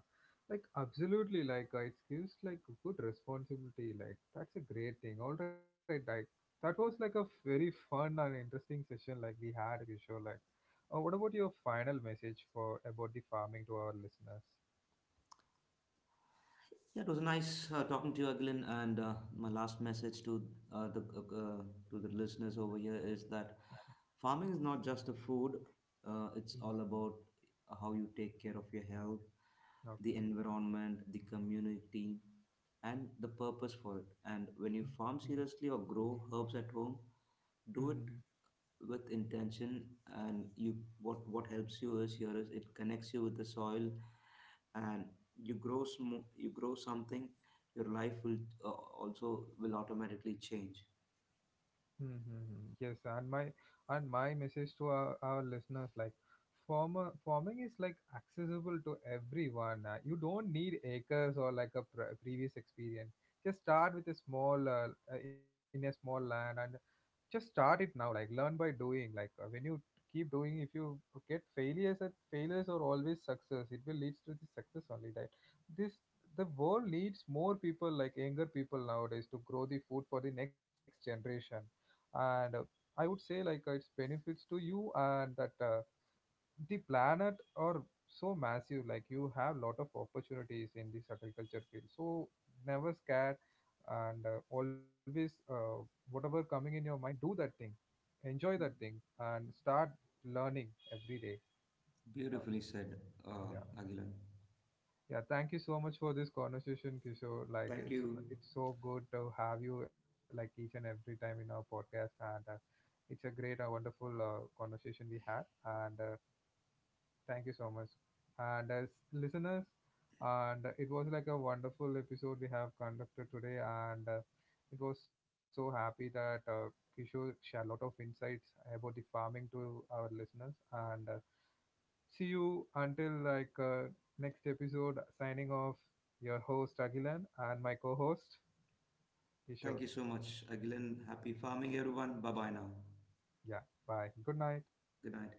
Like, absolutely, like, uh, it gives like good responsibility. Like, that's a great thing. All right, like, that was like a very fun and interesting session like we had, Kishore. Like, uh, what about your final message for about the farming to our listeners?
Yeah, it was nice uh, talking to you, Aglin. And uh, my last message to, uh, the uh, uh, to the listeners over here is that farming is not just a food. Uh, it's
Mhm.
all about how you take care of your health, the
Okay.
environment, the community, and the purpose for it. And when you farm seriously or grow herbs at home, do
Hmm.
it with intention. And you, what what helps you is here is it connects you with the soil, and you grow sm- you grow something, your life will, uh, also will automatically change.
Mm-hmm. Yes, and my and my message to our, our listeners, like, farmer farming is like accessible to everyone. Uh, you don't need acres or like a pre- previous experience. Just start with a small uh, uh, in a small land, and just start it now, like, learn by doing, like, uh, when you keep doing, if you get failures at failures or always success, it will leads to the success only. That this the world needs more people, like, younger people nowadays, to grow the food for the next generation. And, uh, i would say, like, uh, it's benefits to you, and that, uh, the planet are so massive, like, you have lot of opportunities in this agriculture field, so never scared. And, uh, always, uh, whatever coming in your mind, do that thing, enjoy that thing, and start learning every day.
Beautifully said, uh,
Yeah, yeah,
Agilan.
yeah. Thank you so much for this conversation, Kishore. Like,
Thank
it's
you.
it's so good to have you like each and every time in our podcast. And, uh, it's a great and wonderful, uh, conversation we had. And, uh, thank you so much. And as listeners, and it was like a wonderful episode we have conducted today, and, uh, it was so happy that, uh, Kishore shared a lot of insights about the farming to our listeners. And, uh, see you until, like, uh, next episode. Signing off, your host Agilan and my co-host
Thank you
Kishore.
so much, Agilan. Happy farming, everyone. Bye bye now.
Yeah, bye. Good night.
Good night.